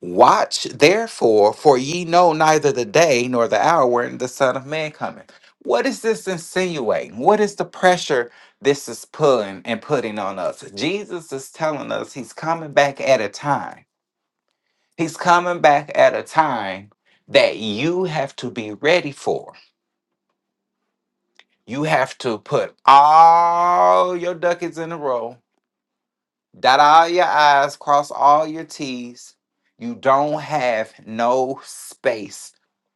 Watch therefore, for ye know neither the day nor the hour wherein the Son of Man cometh. What is this insinuating? What is the pressure this is pulling and putting on us? Jesus is telling us he's coming back at a time. He's coming back at a time that you have to be ready for. You have to put all your ducats in a row, dot all your I's, cross all your T's. You don't have no space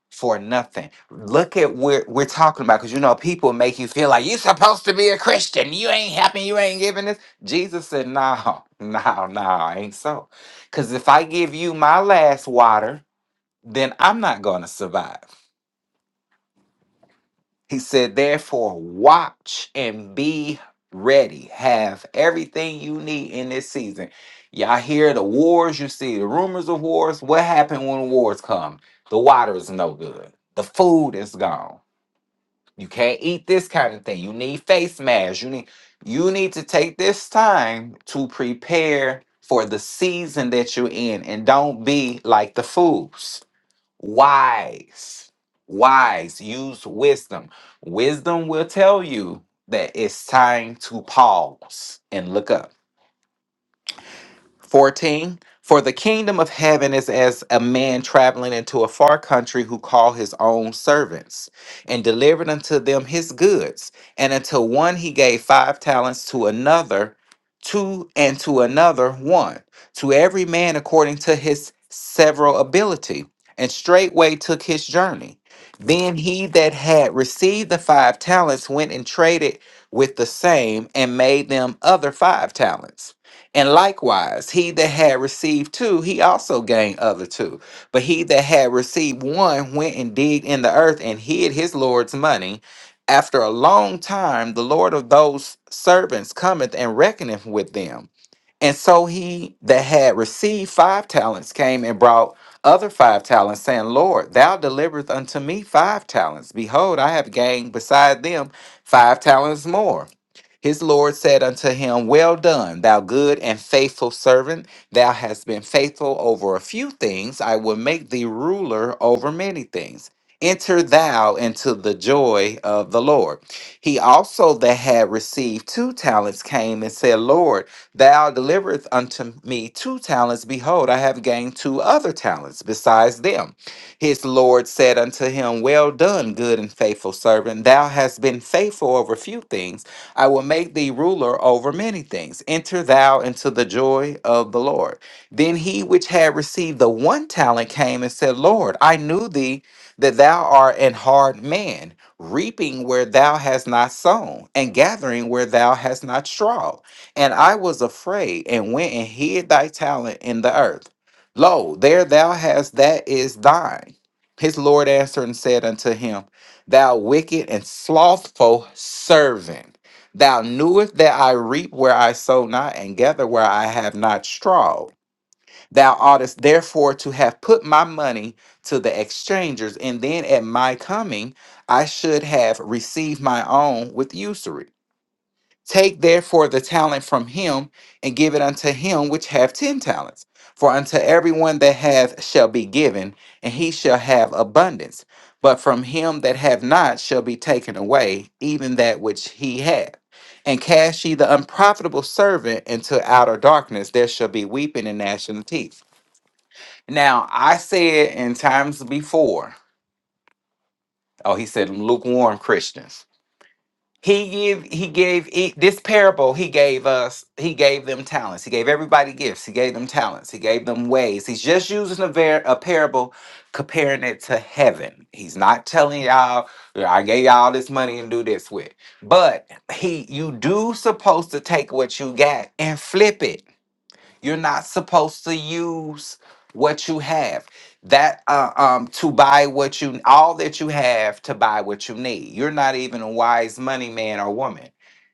for nothing. Look at where we're talking about because you know people make you feel like you're supposed to be a Christian. You ain't helping, you ain't giving this. Jesus said, No, no, no, ain't so. Cause if I give you my last water, then I'm not going to survive. He said, therefore, watch and be ready. Have everything you need in this season. Y'all hear the wars, you see the rumors of wars. What happened when wars come? The water is no good, the food is gone. You can't eat this kind of thing. You need face masks. You need you need to take this time to prepare for the season that you're in and don't be like the fools wise wise use wisdom wisdom will tell you that it's time to pause and look up 14 For the kingdom of heaven is as a man traveling into a far country who called his own servants and delivered unto them his goods. And unto one he gave five talents, to another two, and to another one, to every man according to his several ability. And straightway took his journey. Then he that had received the five talents went and traded with the same and made them other five talents. And likewise, he that had received two, he also gained other two. But he that had received one went and digged in the earth and hid his Lord's money. After a long time, the Lord of those servants cometh and reckoneth with them. And so he that had received five talents came and brought other five talents, saying, Lord, thou deliverest unto me five talents. Behold, I have gained beside them five talents more. His Lord said unto him, Well done, thou good and faithful servant. Thou hast been faithful over a few things. I will make thee ruler over many things. Enter thou into the joy of the Lord. He also that had received two talents came and said, Lord, Thou deliverest unto me two talents. Behold, I have gained two other talents besides them. His Lord said unto him, Well done, good and faithful servant. Thou hast been faithful over few things. I will make thee ruler over many things. Enter thou into the joy of the Lord. Then he which had received the one talent came and said, Lord, I knew thee that thou art an hard man, reaping where thou hast not sown, and gathering where thou hast not strawed. And I was afraid and went and hid thy talent in the earth. Lo, there thou hast that is thine. His Lord answered and said unto him, Thou wicked and slothful servant, thou knewest that I reap where I sow not and gather where I have not strawed. Thou oughtest therefore to have put my money to the exchangers, and then at my coming I should have received my own with usury. Take therefore the talent from him and give it unto him which hath ten talents. For unto everyone that hath shall be given, and he shall have abundance. But from him that hath not shall be taken away even that which he hath. And cast ye the unprofitable servant into outer darkness, there shall be weeping and gnashing of teeth. Now I said in times before, oh, he said lukewarm Christians. He give he gave e- this parable he gave us he gave them talents he gave everybody gifts he gave them talents he gave them ways he's just using a ver- a parable comparing it to heaven he's not telling y'all I gave y'all this money and do this with but he you do supposed to take what you got and flip it you're not supposed to use what you have that uh, um to buy what you all that you have to buy what you need. You're not even a wise money man or woman.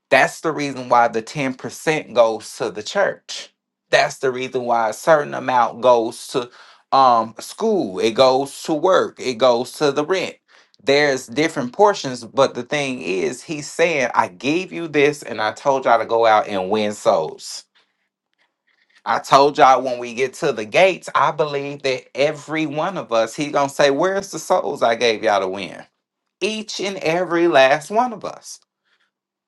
That's the reason why the 10% goes to the church. That's the reason why a certain amount goes to um school, it goes to work, it goes to the rent. There's different portions, but the thing is, he's saying, I gave you this and I told y'all to go out and win souls. I told y'all when we get to the gates, I believe that every one of us, he gonna say, Where's the souls I gave y'all to win? Each and every last one of us.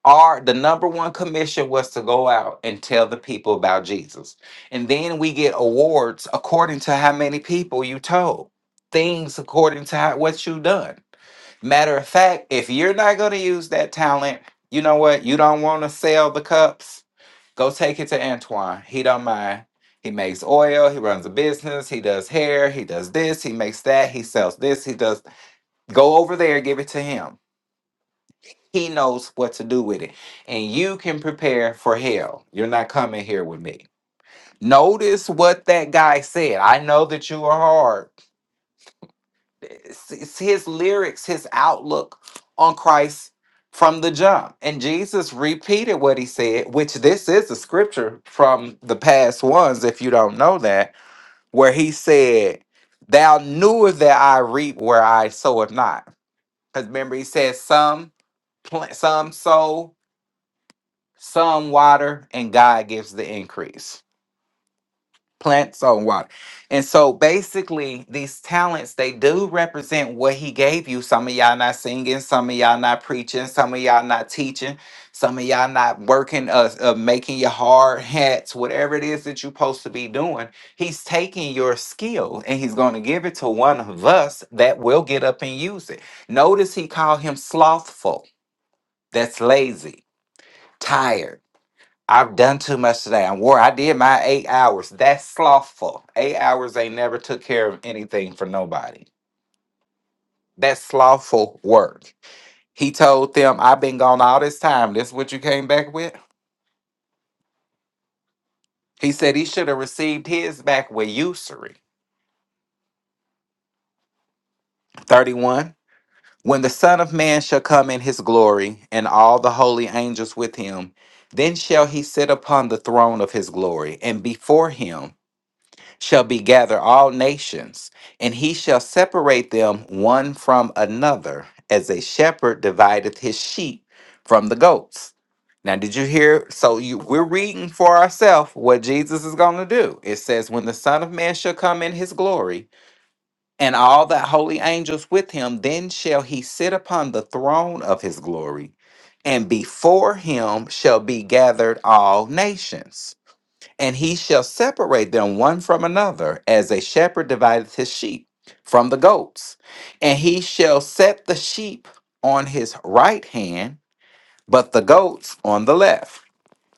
Our the number one commission was to go out and tell the people about Jesus. And then we get awards according to how many people you told. Things according to how, what you done. Matter of fact, if you're not gonna use that talent, you know what? You don't want to sell the cups Go take it to Antoine. He don't mind. He makes oil. He runs a business. He does hair. He does this. He makes that. He sells this. He does. Go over there. Give it to him. He knows what to do with it, and you can prepare for hell. You're not coming here with me. Notice what that guy said. I know that you are hard. it's, it's his lyrics, his outlook on Christ from the jump. And Jesus repeated what he said, which this is a scripture from the past ones, if you don't know that, where he said, Thou knewest that I reap where I soweth not. Because remember, he said, Some plant, some sow, some water, and God gives the increase plant soil, and water and so basically these talents they do represent what he gave you some of y'all not singing some of y'all not preaching some of y'all not teaching some of y'all not working uh, uh making your hard hats whatever it is that you're supposed to be doing he's taking your skill and he's going to give it to one of us that will get up and use it notice he called him slothful that's lazy tired I've done too much today. I'm wore. I did my eight hours. That's slothful. Eight hours ain't never took care of anything for nobody. That's slothful work. He told them, I've been gone all this time. This what you came back with? He said he should have received his back with usury. 31. When the Son of Man shall come in his glory, and all the holy angels with him, then shall he sit upon the throne of his glory, and before him shall be gather all nations, and he shall separate them one from another, as a shepherd divideth his sheep from the goats. Now, did you hear? So you, we're reading for ourselves what Jesus is going to do. It says, "When the Son of Man shall come in his glory, and all the holy angels with him, then shall he sit upon the throne of his glory, and before him shall be gathered all nations." And he shall separate them one from another, as a shepherd divideth his sheep from the goats. And he shall set the sheep on his right hand, but the goats on the left.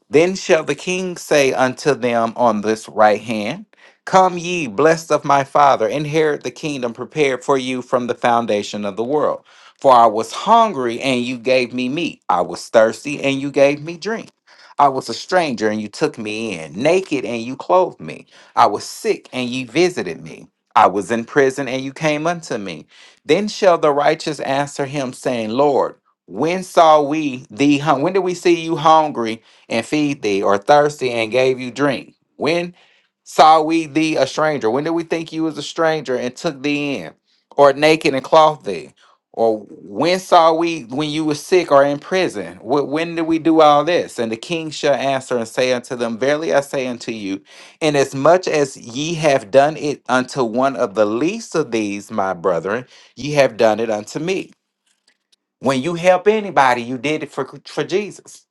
Then shall the king say unto them on this right hand, Come ye, blessed of my father, inherit the kingdom prepared for you from the foundation of the world. For I was hungry, and you gave me meat. I was thirsty, and you gave me drink. I was a stranger, and you took me in. Naked, and you clothed me. I was sick, and ye visited me. I was in prison, and you came unto me. Then shall the righteous answer him, saying, Lord, when saw we thee? hun- When did we see you hungry? and feed thee, or thirsty and gave you drink? When saw we thee a stranger? When did we think you was a stranger and took thee in, or naked and clothed thee? Or when saw we when you was sick or in prison? Wh- When did we do all this? And the king shall answer and say unto them, Verily I say unto you, inasmuch as ye have done it unto one of the least of these, my brethren, ye have done it unto me. When you help anybody, you did it for, for Jesus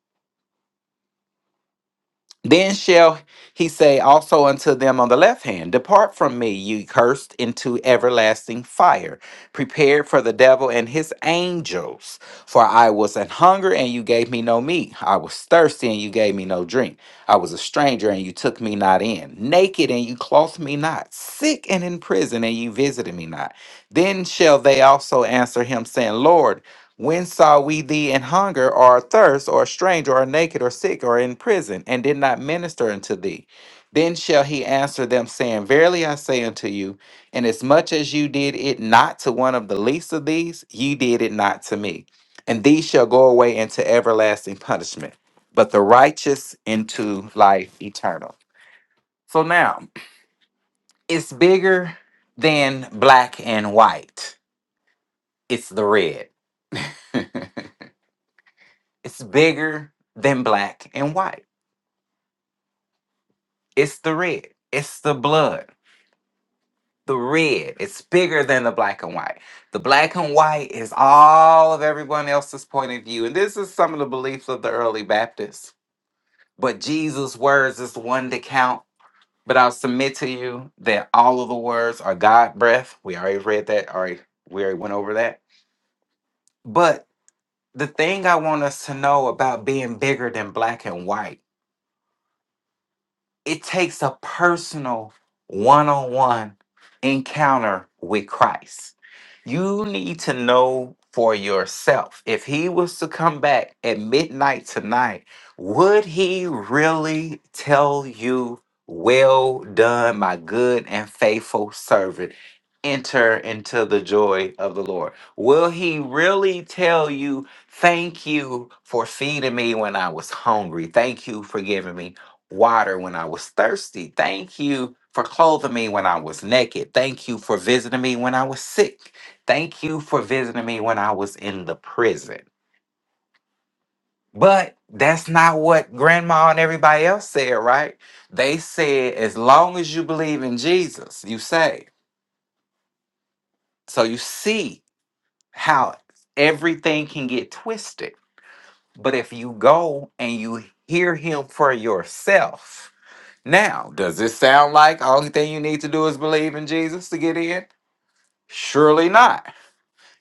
Then shall he say also unto them on the left hand, Depart from me, ye cursed, into everlasting fire, prepared for the devil and his angels. For I was an hunger, and you gave me no meat. I was thirsty, and you gave me no drink. I was a stranger, and you took me not in. Naked, and you clothed me not. Sick and in prison, and you visited me not. Then shall they also answer him, saying, Lord, when saw we thee in hunger, or thirst, or a stranger, or naked, or sick, or in prison, and did not minister unto thee? Then shall he answer them, saying, Verily I say unto you, inasmuch as you did it not to one of the least of these, ye did it not to me. And these shall go away into everlasting punishment, but the righteous into life eternal. So now, it's bigger than black and white, it's the red. It's bigger than black and white. It's the red. It's the blood. The red. It's bigger than the black and white. The black and white is all of everyone else's point of view. And this is some of the beliefs of the early Baptists. But Jesus' words is the one that count. But I'll submit to you that all of the words are God breath. We already read that. Already we already went over that. But the thing I want us to know about being bigger than black and white It takes a personal one on one encounter with Christ. You need to know for yourself if he was to come back at midnight tonight, would he really tell you, Well done, my good and faithful servant? Enter into the joy of the Lord. Will he really tell you, Thank you for feeding me when I was hungry? Thank you for giving me water when I was thirsty. Thank you for clothing me when I was naked. Thank you for visiting me when I was sick. Thank you for visiting me when I was in the prison. But that's not what grandma and everybody else said, right? They said, as long as you believe in Jesus, you saved. So you see how everything can get twisted. But if you go and you hear him for yourself, Now, does this sound like only thing you need to do is believe in Jesus to get in? Surely not.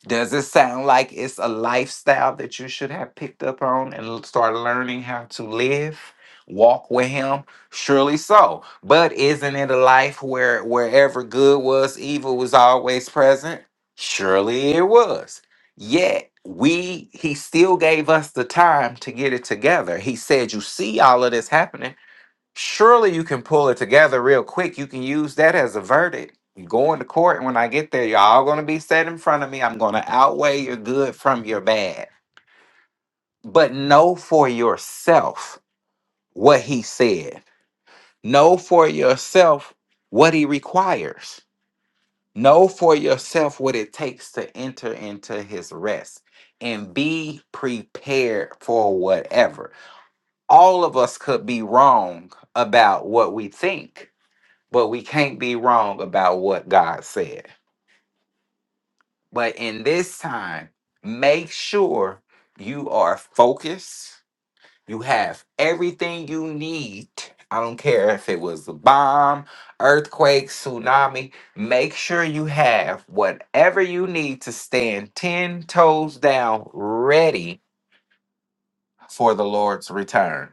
Does it sound like it's a lifestyle that you should have picked up on and l- start learning how to live, walk with Him? Surely so. But isn't it a life where wherever good was, evil was always present? Surely it was. Yet we, He still gave us the time to get it together. He said, "You see all of this happening." surely you can pull it together real quick. You can use that as a verdict. You go into court, and when I get there, y'all gonna be set in front of me. I'm gonna outweigh your good from your bad. But know for yourself what he said. Know for yourself what he requires. Know for yourself what it takes to enter into his rest and be prepared for whatever. All of us could be wrong about what we think but we can't be wrong about what God said. But in this time, make sure you are focused. You have everything you need. I don't care if it was a bomb, earthquake, tsunami. Make sure you have whatever you need to stand 10 toes down, ready for the Lord's return.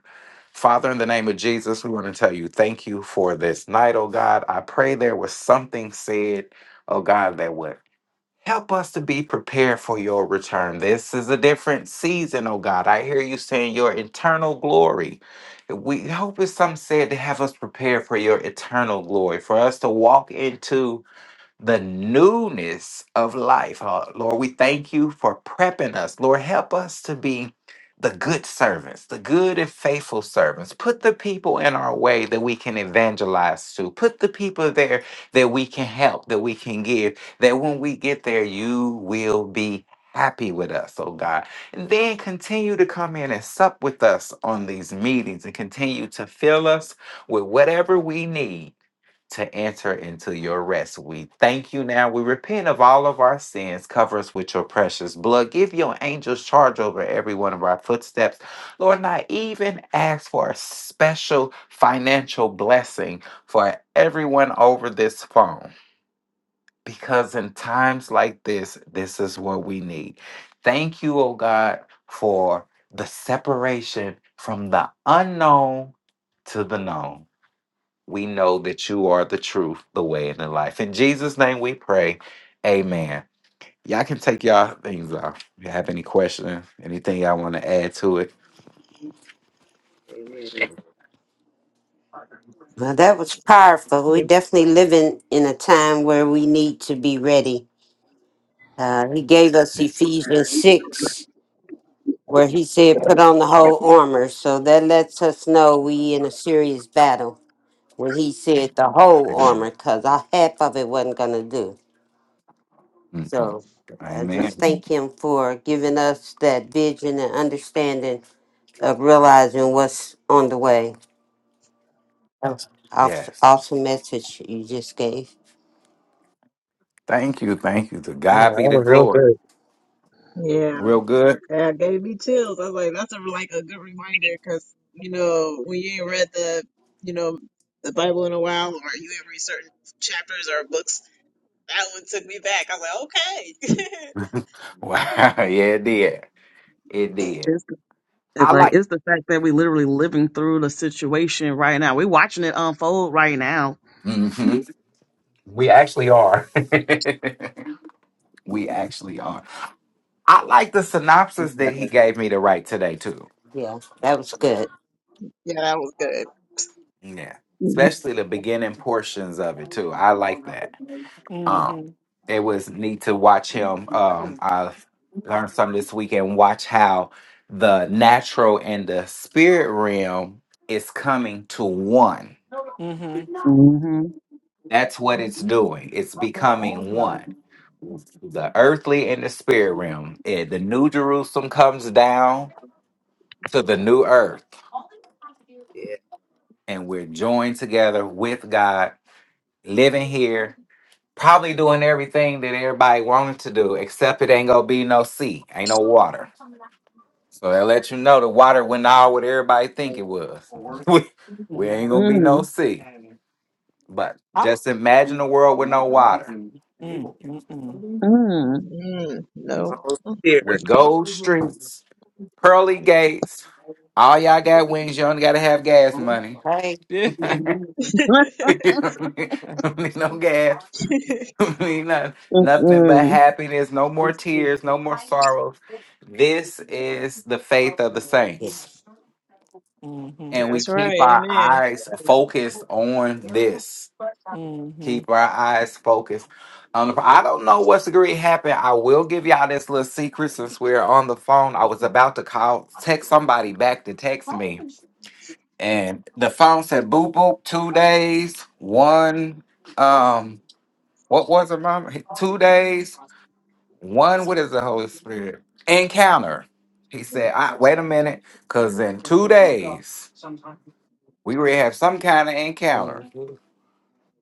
Father, in the name of Jesus, we want to tell you thank you for this night, oh God. I pray there was something said, oh God, that would help us to be prepared for your return. This is a different season, oh God. I hear you saying your eternal glory. We hope it's something said to have us prepared for your eternal glory, for us to walk into the newness of life. Uh, Lord, we thank you for prepping us. Lord, help us to be the good servants, the good and faithful servants. Put the people in our way that we can evangelize to. Put the people there that we can help, that we can give, that when we get there, you will be happy with us, oh God. And then continue to come in and sup with us on these meetings and continue to fill us with whatever we need to enter into your rest. We thank you now. We repent of all of our sins. Cover us with your precious blood. Give your angels charge over every one of our footsteps. Lord, and I even ask for a special financial blessing for everyone over this phone. Because in times like this, this is what we need. Thank you, oh God, for the separation from the unknown to the known. We know that you are the truth, the way, and the life. In Jesus' name we pray. Amen. Y'all can take y'all things off. If you have any questions, anything y'all want to add to it.
Amen.
Well, that was powerful. We
It-
definitely living in a time where we need to be ready. Uh, he gave us
Yeah.
Ephesians 6, where he said, put on the whole armor. So that lets us know we in a serious battle when he said the whole
Amen.
armor, because half of it wasn't going to do.
Mm-mm.
So I just
Amen.
thank him for giving us that vision and understanding of realizing what's on the way. That was awes-
Yes.
awesome message you just gave.
Thank you. Thank you. To
Oh,
God
that
be the
was real
glory.
good.
Yeah,
Real good.
that gave me chills. I was like, that's a, like a good reminder because, you know, when you ain't read the, you know, the Bible in a while or you ain't read certain chapters or books, that one took me back. I was like,
wow. Yeah, it did. It
okay.
did.
It's, it's
I
like
like.
it's the fact that we literally living through the situation right now. We're watching it unfold right now.
hmm We actually are. we actually are. I like the synopsis that he gave me to write today too
Yeah, that was good.
yeah, that was good.
Yeah.
Mm-hmm.
Especially the beginning portions of it too. I like that. Um it was neat to watch him. Um I learned something this weekend, watch how the natural and the spirit realm is coming to one.
Mm-hmm.
That's what it's doing. It's becoming one. The earthly and the spirit realm. Eh, the new Jerusalem comes down to the new earth,
Yeah.
and we're joined together with God, living here Probably doing everything that everybody wanted to do, except it ain't gonna be no sea, ain't no water. So that let you know the water went all what everybody think it was. we
Mm-hmm.
we ain't gonna be no
Mm-hmm.
sea. But
I,
just imagine a world with no water,
Mm, no.
Holy Spirit.
with gold streets, pearly gates. All y'all got wings. You only gotta have gas money.
Right.
You don't need don't need no gas. Don't need nothing. Nothing but happiness. No more tears. No more sorrows. This is the faith of the saints.
hmm
and we
That's
keep
right.
our
Amen.
eyes focused on this.
Mm-hmm.
Keep our eyes focused. Um, I don't know what's going to happen. I will give y'all this little secret since we're on the phone. I was about to call, text somebody back to text me, and the phone said boop boop two days, one um, what was it, mom? Two days, one. What is the Holy Spirit encounter? He said, I, "Wait a minute, cause in two days we will have some kind of encounter."
hmm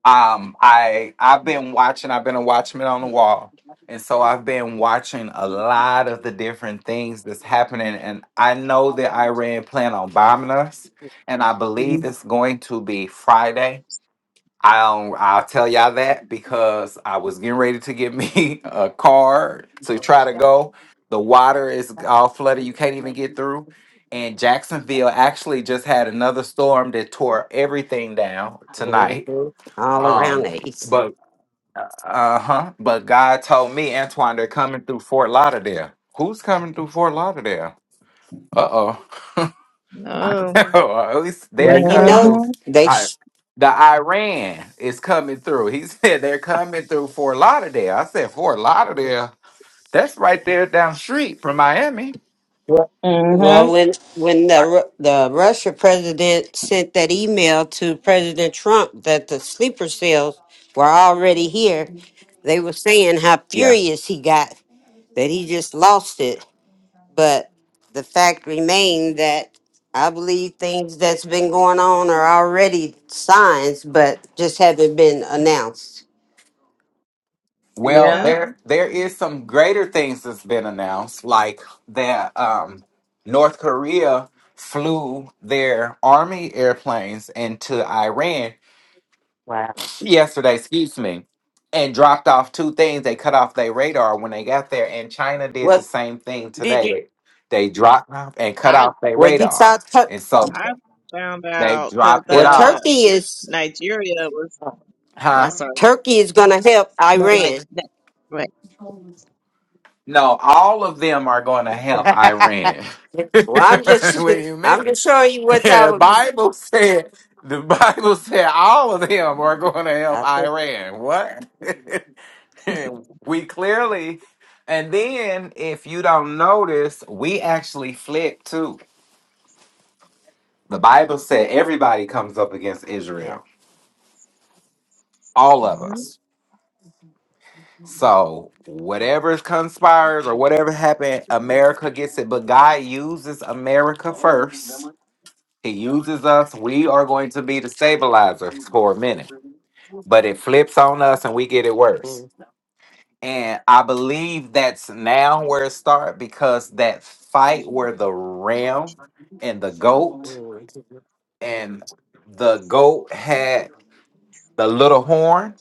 Um, I I've been watching. I've been a watchman on the wall, and so I've been watching a lot of the different things that's happening. And I know that Iran plan on bombing us, and I believe it's going to be Friday. I'll I'll tell y'all that because I was getting ready to get me a car to try to go. The water is all flooded. You can't even get through. And Jacksonville actually just had another storm that tore everything down tonight
All around
um,
the east.
but uh huh. But God told me, Antoine, they're coming through Fort Lauderdale. Who's coming through Fort Lauderdale? Uh oh. I
No.
don't know. At least
Well,
they're
you
coming
know
through.
Mm-hmm.
they.
I,
Sh-
the Iran is coming through. He said they're coming through Fort Lauderdale. I said Fort Lauderdale. That's right there down the street from Miami.
well, well,
Mm-hmm.
when when the
I,
Ru- the Russia president sent that email to President Trump that the sleeper cells were already here, they were saying how
yeah.
furious he got that he just lost it. But the fact remained that I believe things that's been going on are already signs, but just haven't been announced.
Well,
Yeah.
Yeah.
there there is some greater things that's been announced, like that um, North Korea flew their army airplanes into Iran
Wow.
yesterday, excuse me, and dropped off two things. They cut off their radar when they got there, and China did the
What
same thing
did
today.
you?
They, they dropped off and cut
I,
off their
Well, you saw.
radar,
Tur-
and so
I found
they
out that
dropped it
well,
off.
the
Turkey is
Nigeria was, oh,
Huh?
sorry.
Turkey is going to help
No, like,
Iran.
that, right.
No, all of them are going to help Iran.
well,
what
I'm just
do you mean?
I'm just showing you what's out.
The
with me.
Bible said the Bible said all of them are going to help
I think.
Iran. What? we clearly, and then if you don't notice, we actually flipped too. The Bible said everybody comes up against
Yeah.
Israel, all of
Mhm.
us. So whatever conspires or whatever happened, America gets it. But God uses America first. He uses us. We are going to be the stabilizers for a minute. but it flips on us and we get it worse.
Mhm.
And I believe that's now where it started because that fight where the ram and the goat and the goat had the little horn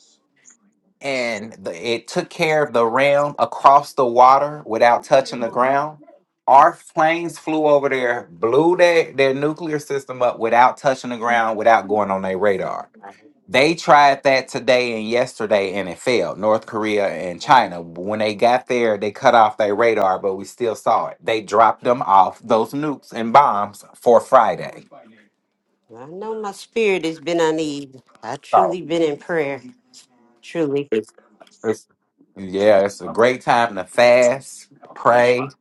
and the, it took care of the ram across the water without touching the ground. Our planes flew over there, blew their, their nuclear system up without touching the ground, without going on their radar They tried that today and yesterday and it failed. North Korea and China. When they got there, they cut off their radar, but we still saw it. They dropped them off, those nukes and bombs, for Friday.
I know my spirit has been uneasy. I
So
truly been in prayer. Truly.
it's yeah, it's a great time to
Yes.
fast, pray,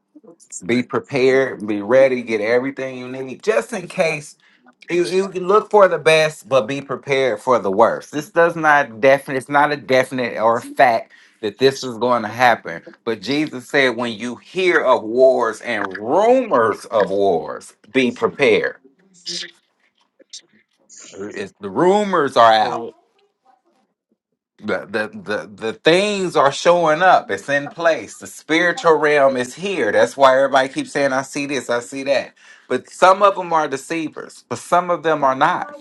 be prepared, be ready, get everything you need, just in case You, you can look for the best, but be prepared for the worst. This does not definite. It's not a definite or a fact that this is going to happen. But Jesus said, when you hear of wars and rumors of wars, be prepared. It's, the rumors are out.
Right.
The, the the the things are showing up. It's in place. The spiritual realm is here. That's why everybody keeps saying, "I see this, I see that." But some of them are deceivers, but some of them are not.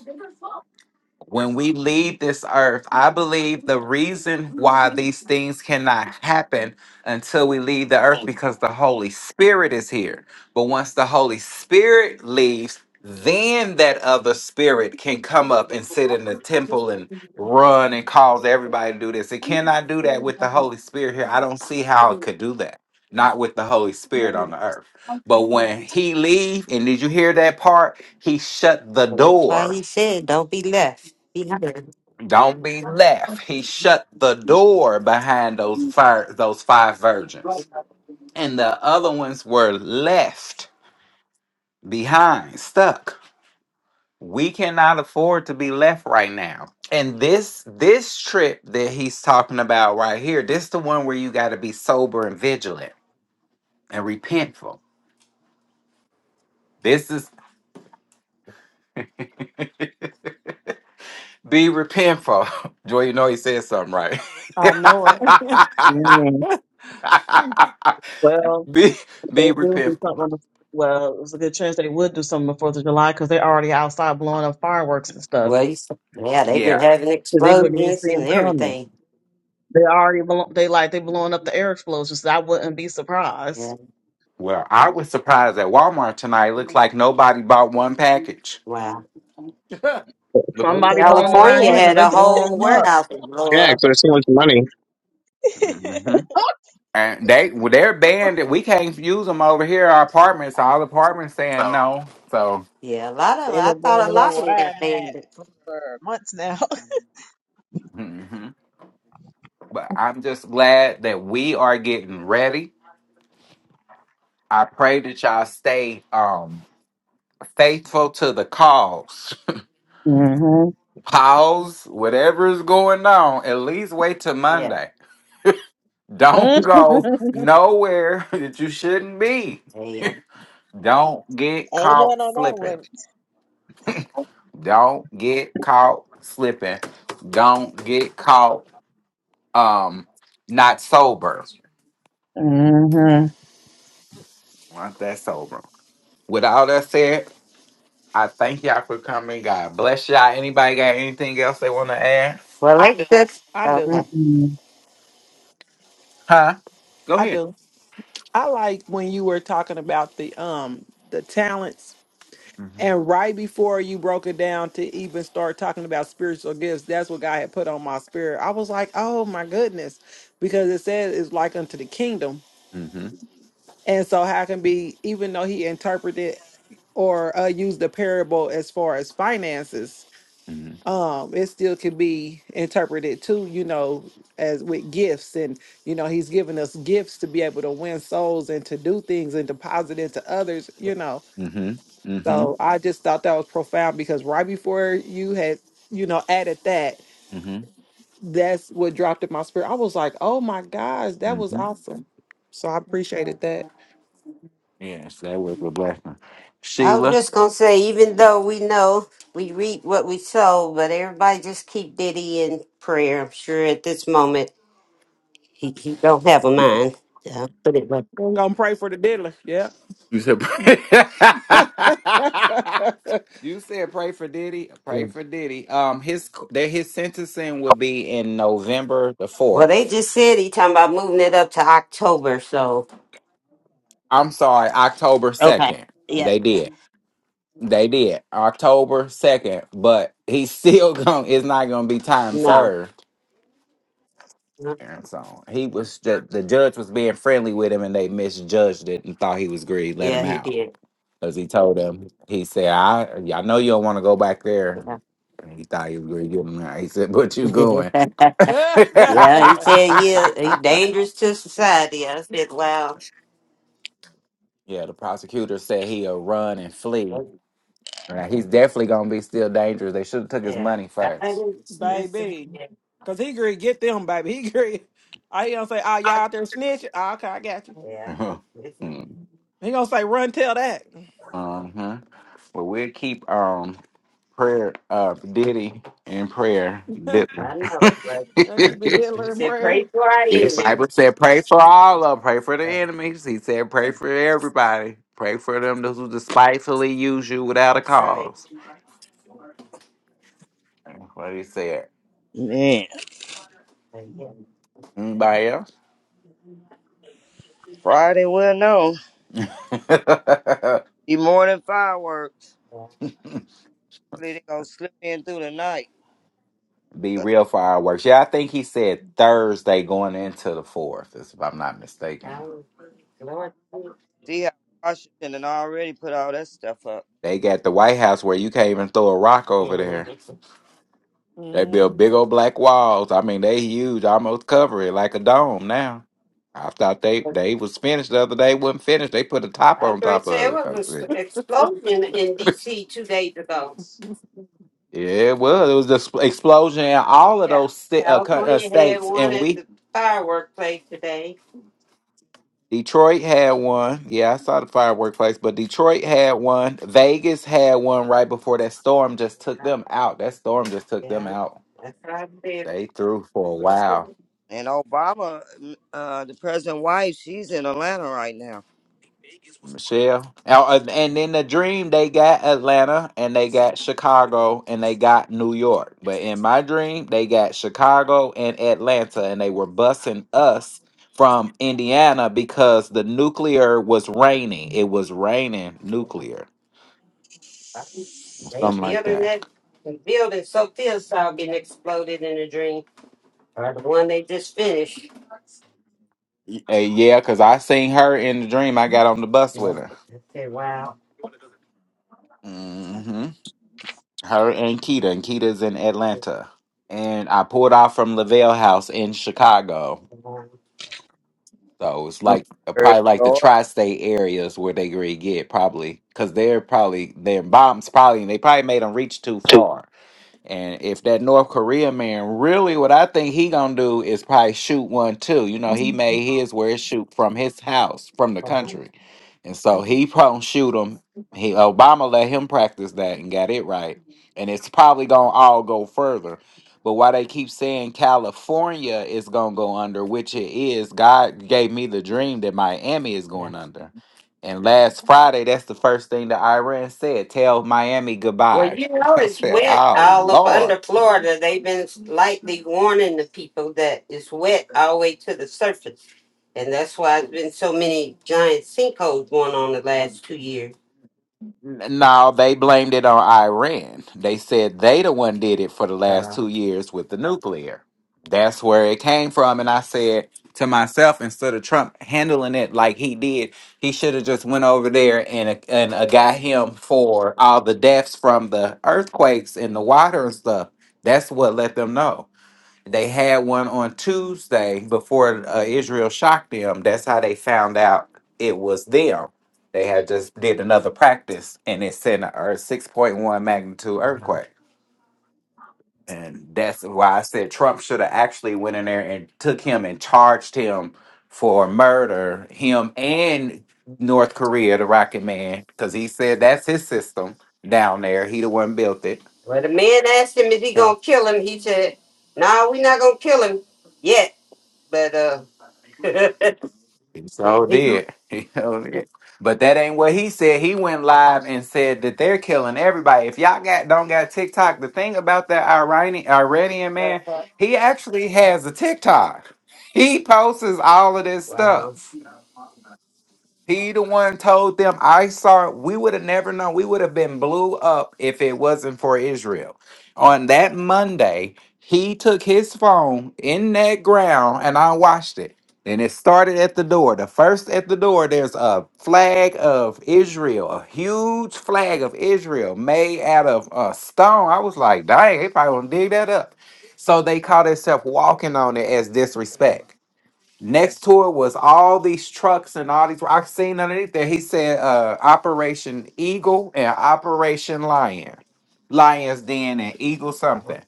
when we leave this earth, I believe the reason why these things cannot happen until we leave the earth because the Holy Spirit is here. But once the Holy Spirit leaves, then that other spirit can come up and sit in the temple and run and cause everybody to do this. It cannot do that with the Holy Spirit here. I don't see how it could do that. Not with the Holy Spirit on the earth. But when he leave, and did you hear that part? He shut the
So that's why
door
he said, "Don't be left behind."
don't be left. He shut the door behind those fire, those five virgins. And the other ones were left behind, stuck. We cannot afford to be left right now. And this this trip that he's talking about right here, this the one where you got to be sober and vigilant and repentful. This is be repentful. Joy, you know he said something right.
I know it.
Mhm. Well,
be
if
be
they do do
repentful.
something. On the, well, there's a good chance they would do something on the Fourth of July because they're already outside blowing up fireworks and stuff.
Well, you, yeah, they've been
Yeah,
having
So they wouldn't even
explosions
see
and
them coming.
everything.
They already blow, they like they blowing up the air explosions. So I wouldn't be surprised.
Yeah.
Well, I was surprised at Walmart tonight. Looks like nobody bought one package.
Wow.
Look,
Can
Somebody bought them
nobody
around
California
here
afford it?
because
had
they
a
blowing
whole
them up.
warehouse that blow
Yeah, because
up.
there's so much money.
hmm and they well, they're banned. it. We can't use them over here. Our apartments, all apartments saying no. So,
Yeah, a lot of 'em-
They've
I
been blowing
thought a
about
lot of
where
them got
I'm
banned.
at for months now.
hmm but I'm just glad that we are getting ready. I pray that y'all stay um faithful to the cause.
Mm-hmm.
Pause whatever is going on. At least wait till
Yeah,
Monday. Don't go nowhere that you shouldn't be.
yeah.
Don't get caught
Amen on that
slipping.
one.
Don't get caught slipping. Don't get caught um not sober.
mm-hmm.
Not that sober. With all that said, I thank y'all for coming. God bless y'all. Anybody got anything else they want to add?
Well, they that's
I do.
okay.
Mm-mm.
Huh? Go
I
ahead.
do. I like when you were talking about the um the talents
Mm-hmm.
and right before you broke it down to even start talking about spiritual gifts, that's what God had put on my spirit. I was like, "Oh my goodness." Because it says it's like unto the kingdom.
Mm-hmm.
And so how can be even though he interpreted or uh, used the parable as far as finances,
Mm-hmm.
um it still can be interpreted too you know as with gifts and you know he's given us gifts to be able to win souls and to do things and deposit into others you know
Mm-hmm. Mm-hmm.
so i just thought that was profound because right before you had you know added that
Mm-hmm.
that's what dropped in my spirit i was like oh my gosh that was
Mm-hmm.
awesome so i appreciated that
Yes, that was a blessing.
I was
Sheila.
just gonna say, even though we know we reap what we sow, but everybody just keep Diddy in prayer. I'm sure at this moment he, he don't have a
You
mind. Yeah, put it like-
i'm gonna pray for the diddler yeah
you said You said pray for Diddy. Pray
yeah.
for Diddy. Um, his that his sentencing would be in November the
Well, they
fourth.
just said he talking about moving it up to October. So
I'm sorry, October
okay,
second.
yeah,
They did. They did October second, but he's still going. It's not going to be time
no,
served.
no.
And so he was the, the judge was being friendly with him, and they misjudged it and thought he was greedy. Let
yeah,
him
he
out
did.
because he told him he said, "I I know you don't want to go back there." And he thought he was greedy. Give him out. He said, "But you going?"
Yeah.
yeah
Yeah, he
yeah,
said he he dangerous to society. I said, wow.
Yeah, the prosecutor said he'll run and flee. Right, he's definitely gonna be still dangerous. They should have took his
Yeah,
money
that
first.
is, it's a,
baby.
yeah,
Cause he gonna get them, baby. He gonna, I he gonna say, "Oh, y'all out there snitching." Oh, okay, I got you.
yeah.
uh
It's, it's-
huh.
He gonna say, "Run, tell that."
Well, we'll keep um prayer uh Diddy in prayer. Diddy.
I know, but
I'll keep the
he
dealer in
said, pray
prayer.
for our
Bible
enemies.
said pray for all of 'em. pray for the
So,
enemies. He said pray for everybody. Pray for them those who despitefully use you without a
that's right.
cause. That's What he said.
Man,
So, yeah,
Anybody else?
Friday, will know. Be morning fireworks.
yeah.
Hopefully they gonna slip in through the night.
Be
'Cause
real fireworks. Yeah, I think he said Thursday going into the fourth, is- if I'm not
I
mistaken.
was, Lord,
See how Washington and already put all that stuff up.
They got the White House where you can't even throw a rock over there.
thank you.
They build
hmm
big old black walls. I mean, they huge, almost cover it like a dome now. I thought they
But
they was finished the other day. wasn't finished. They put a top
I was
on
going to
top
say it
of it.
was
I
an st-
said,
explosion in D.C. two days ago.
yeah, it was. It was the explosion in all of
Yeah,
those sta- uh, co- uh,
California had
states,
one
and
at
we
the firework place today.
Detroit had one. Yeah, I saw the firework place, but Detroit had one. Vegas had one right before that storm just took
Yeah,
them out. That storm just took them
yeah.
out.
That's what
They
I
threw for a
said.
while,
And Obama, mm, uh, the president's wife, she's in Atlanta right now.
Michelle. Oh, And and then the dream, they got Atlanta and they got Chicago and they got New York. But in my dream, they got Chicago and Atlanta and they were bussing us from Indiana because the nuclear was raining. It was raining nuclear,
They
something like
building
that.
that the building so thin saw getting exploded in a dream. Or the one they just finished.
Uh, yeah, cause I seen her in the dream. I got on the bus
Yeah.
with her.
I said, wow.
hmm Her and Keita, and Keita's in Atlanta, and I pulled off from Lavelle House in Chicago. So it's
I'm
like uh,
sorry,
probably like the
Lord.
tri-state areas where they really get probably because they're probably their bombs probably and they probably made them reach too far. And if that North Korea man really, what I think he gonna do is probably shoot one too. You know, he made his where it shoot from his house, from the country, and so he probably shoot him. He Obama let him practice that and got it right, and it's probably gonna all go further. But why they keep saying California is gonna go under, which it is. God gave me the dream that Miami is
Yeah.
going under, and last Friday, that's the first thing that Iran said: tell Miami
Well,
goodbye
you know
I
it's
said,
wet
"Oh
all up
Lord."
under Florida. They've been lightly warning the people that it's wet all the way to the surface. And that's why there's been so many giant sinkholes going on the last two years.
N- No, they blamed it on Iran. They said they the one did it for the last
Uh,
two years with the nuclear. That's where it came from. And I said to myself, instead of Trump handling it like he did, he should have just went over there and and uh, got him for all the deaths from the earthquakes and the water and stuff. That's what let them know. They had one on Tuesday before uh, Israel shocked them. That's how they found out it was them. They had just did another practice and it sent a a 6.1 magnitude earthquake. And that's why I said Trump should have actually went in there and took him and charged him for murder, him and North Korea, the Rocket Man, because he said that's his system down there. He the one built it.
well, the man asked him, is he going to kill him? He said, no, nah, we're not going to kill him yet. But uh, wow.
He so did. He so did. But that ain't what he said. He went live and said that they're killing everybody. If y'all got don't got TikTok, the thing about that Iranian Iranian man, he actually has a TikTok. He posts all of this stuff. He the one told them, I saw, we would have never known. We would have been blew up if it wasn't for Israel. On that Monday, he took his phone in that ground and I watched it. And it started at the door. The first at the door, there's a flag of Israel, a huge flag of Israel made out of uh, stone. I was like, dang, they probably gonna dig that up. So they call themselves walking on it as
Okay.
disrespect. Next to it was all these trucks and all these. I seen underneath there. He said uh, Operation Eagle and Operation Lion, Lions Den and Eagle
Wow.
something.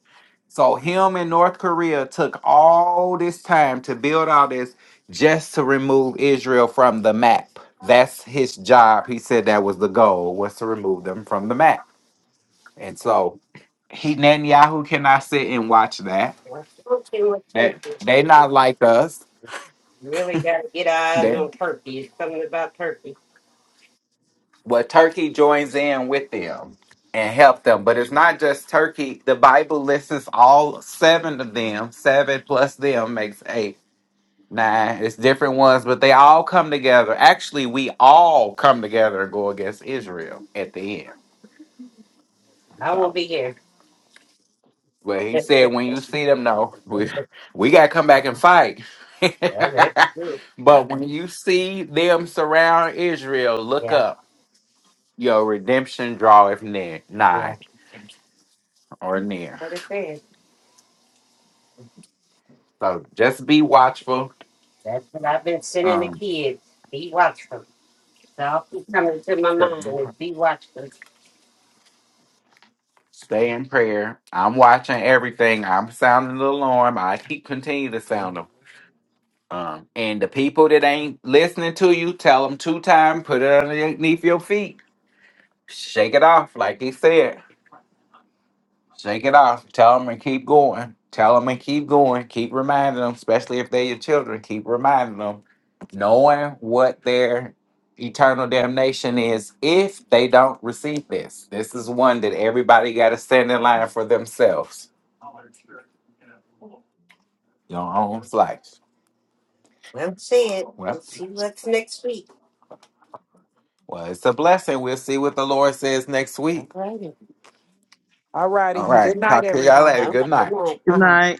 So him and North Korea took all this time to build all this just to remove Israel from the map. That's his job. He said that was the goal was to remove them from the map. And so he Netanyahu cannot sit and watch that.
Okay, with
That
turkey.
they not like us.
You really got to get eyes
They
on turkey. It's something about turkey.
Well, Turkey joins in with them and help them. But it's not just Turkey. The Bible lists all seven of them. Seven plus them makes eight. Nine. It's different ones, but they all come together. Actually, we all come together and go against Israel at the end.
I won't
So
be here.
well, he
yeah,
said when you
that's
see them, no, we we gotta come back and fight.
true.
but when you see them surround Israel, look
Yeah,
up. Your redemption draweth near
yeah.
nigh or near.
That's what it says.
So just be watchful.
That's what I've been sending the
Um,
kids. Be watchful. So I'll keep coming to my mind is be watchful.
stay in prayer. I'm watching everything. I'm sounding the alarm. I keep continue to sound
Well
them. Um, and the people that ain't listening to you, tell them two time. Put it underneath your feet. Shake it off, like he said. Shake it off. Tell them and keep going. Tell them and keep going. Keep reminding them, especially if they're your children. Keep reminding them, knowing what their eternal damnation is if they don't receive this. This is one that everybody got to stand in line for themselves. Your own life.
said.
Well,
We'll see what's next week.
well, it's a blessing. We'll see what the Lord says next
All
week.
righty.
All righty.
All
Good
right.
night,
Talk to y'all
everyone.
later.
All
Good
right. Good
night.
night.
Good
Uh huh.
night.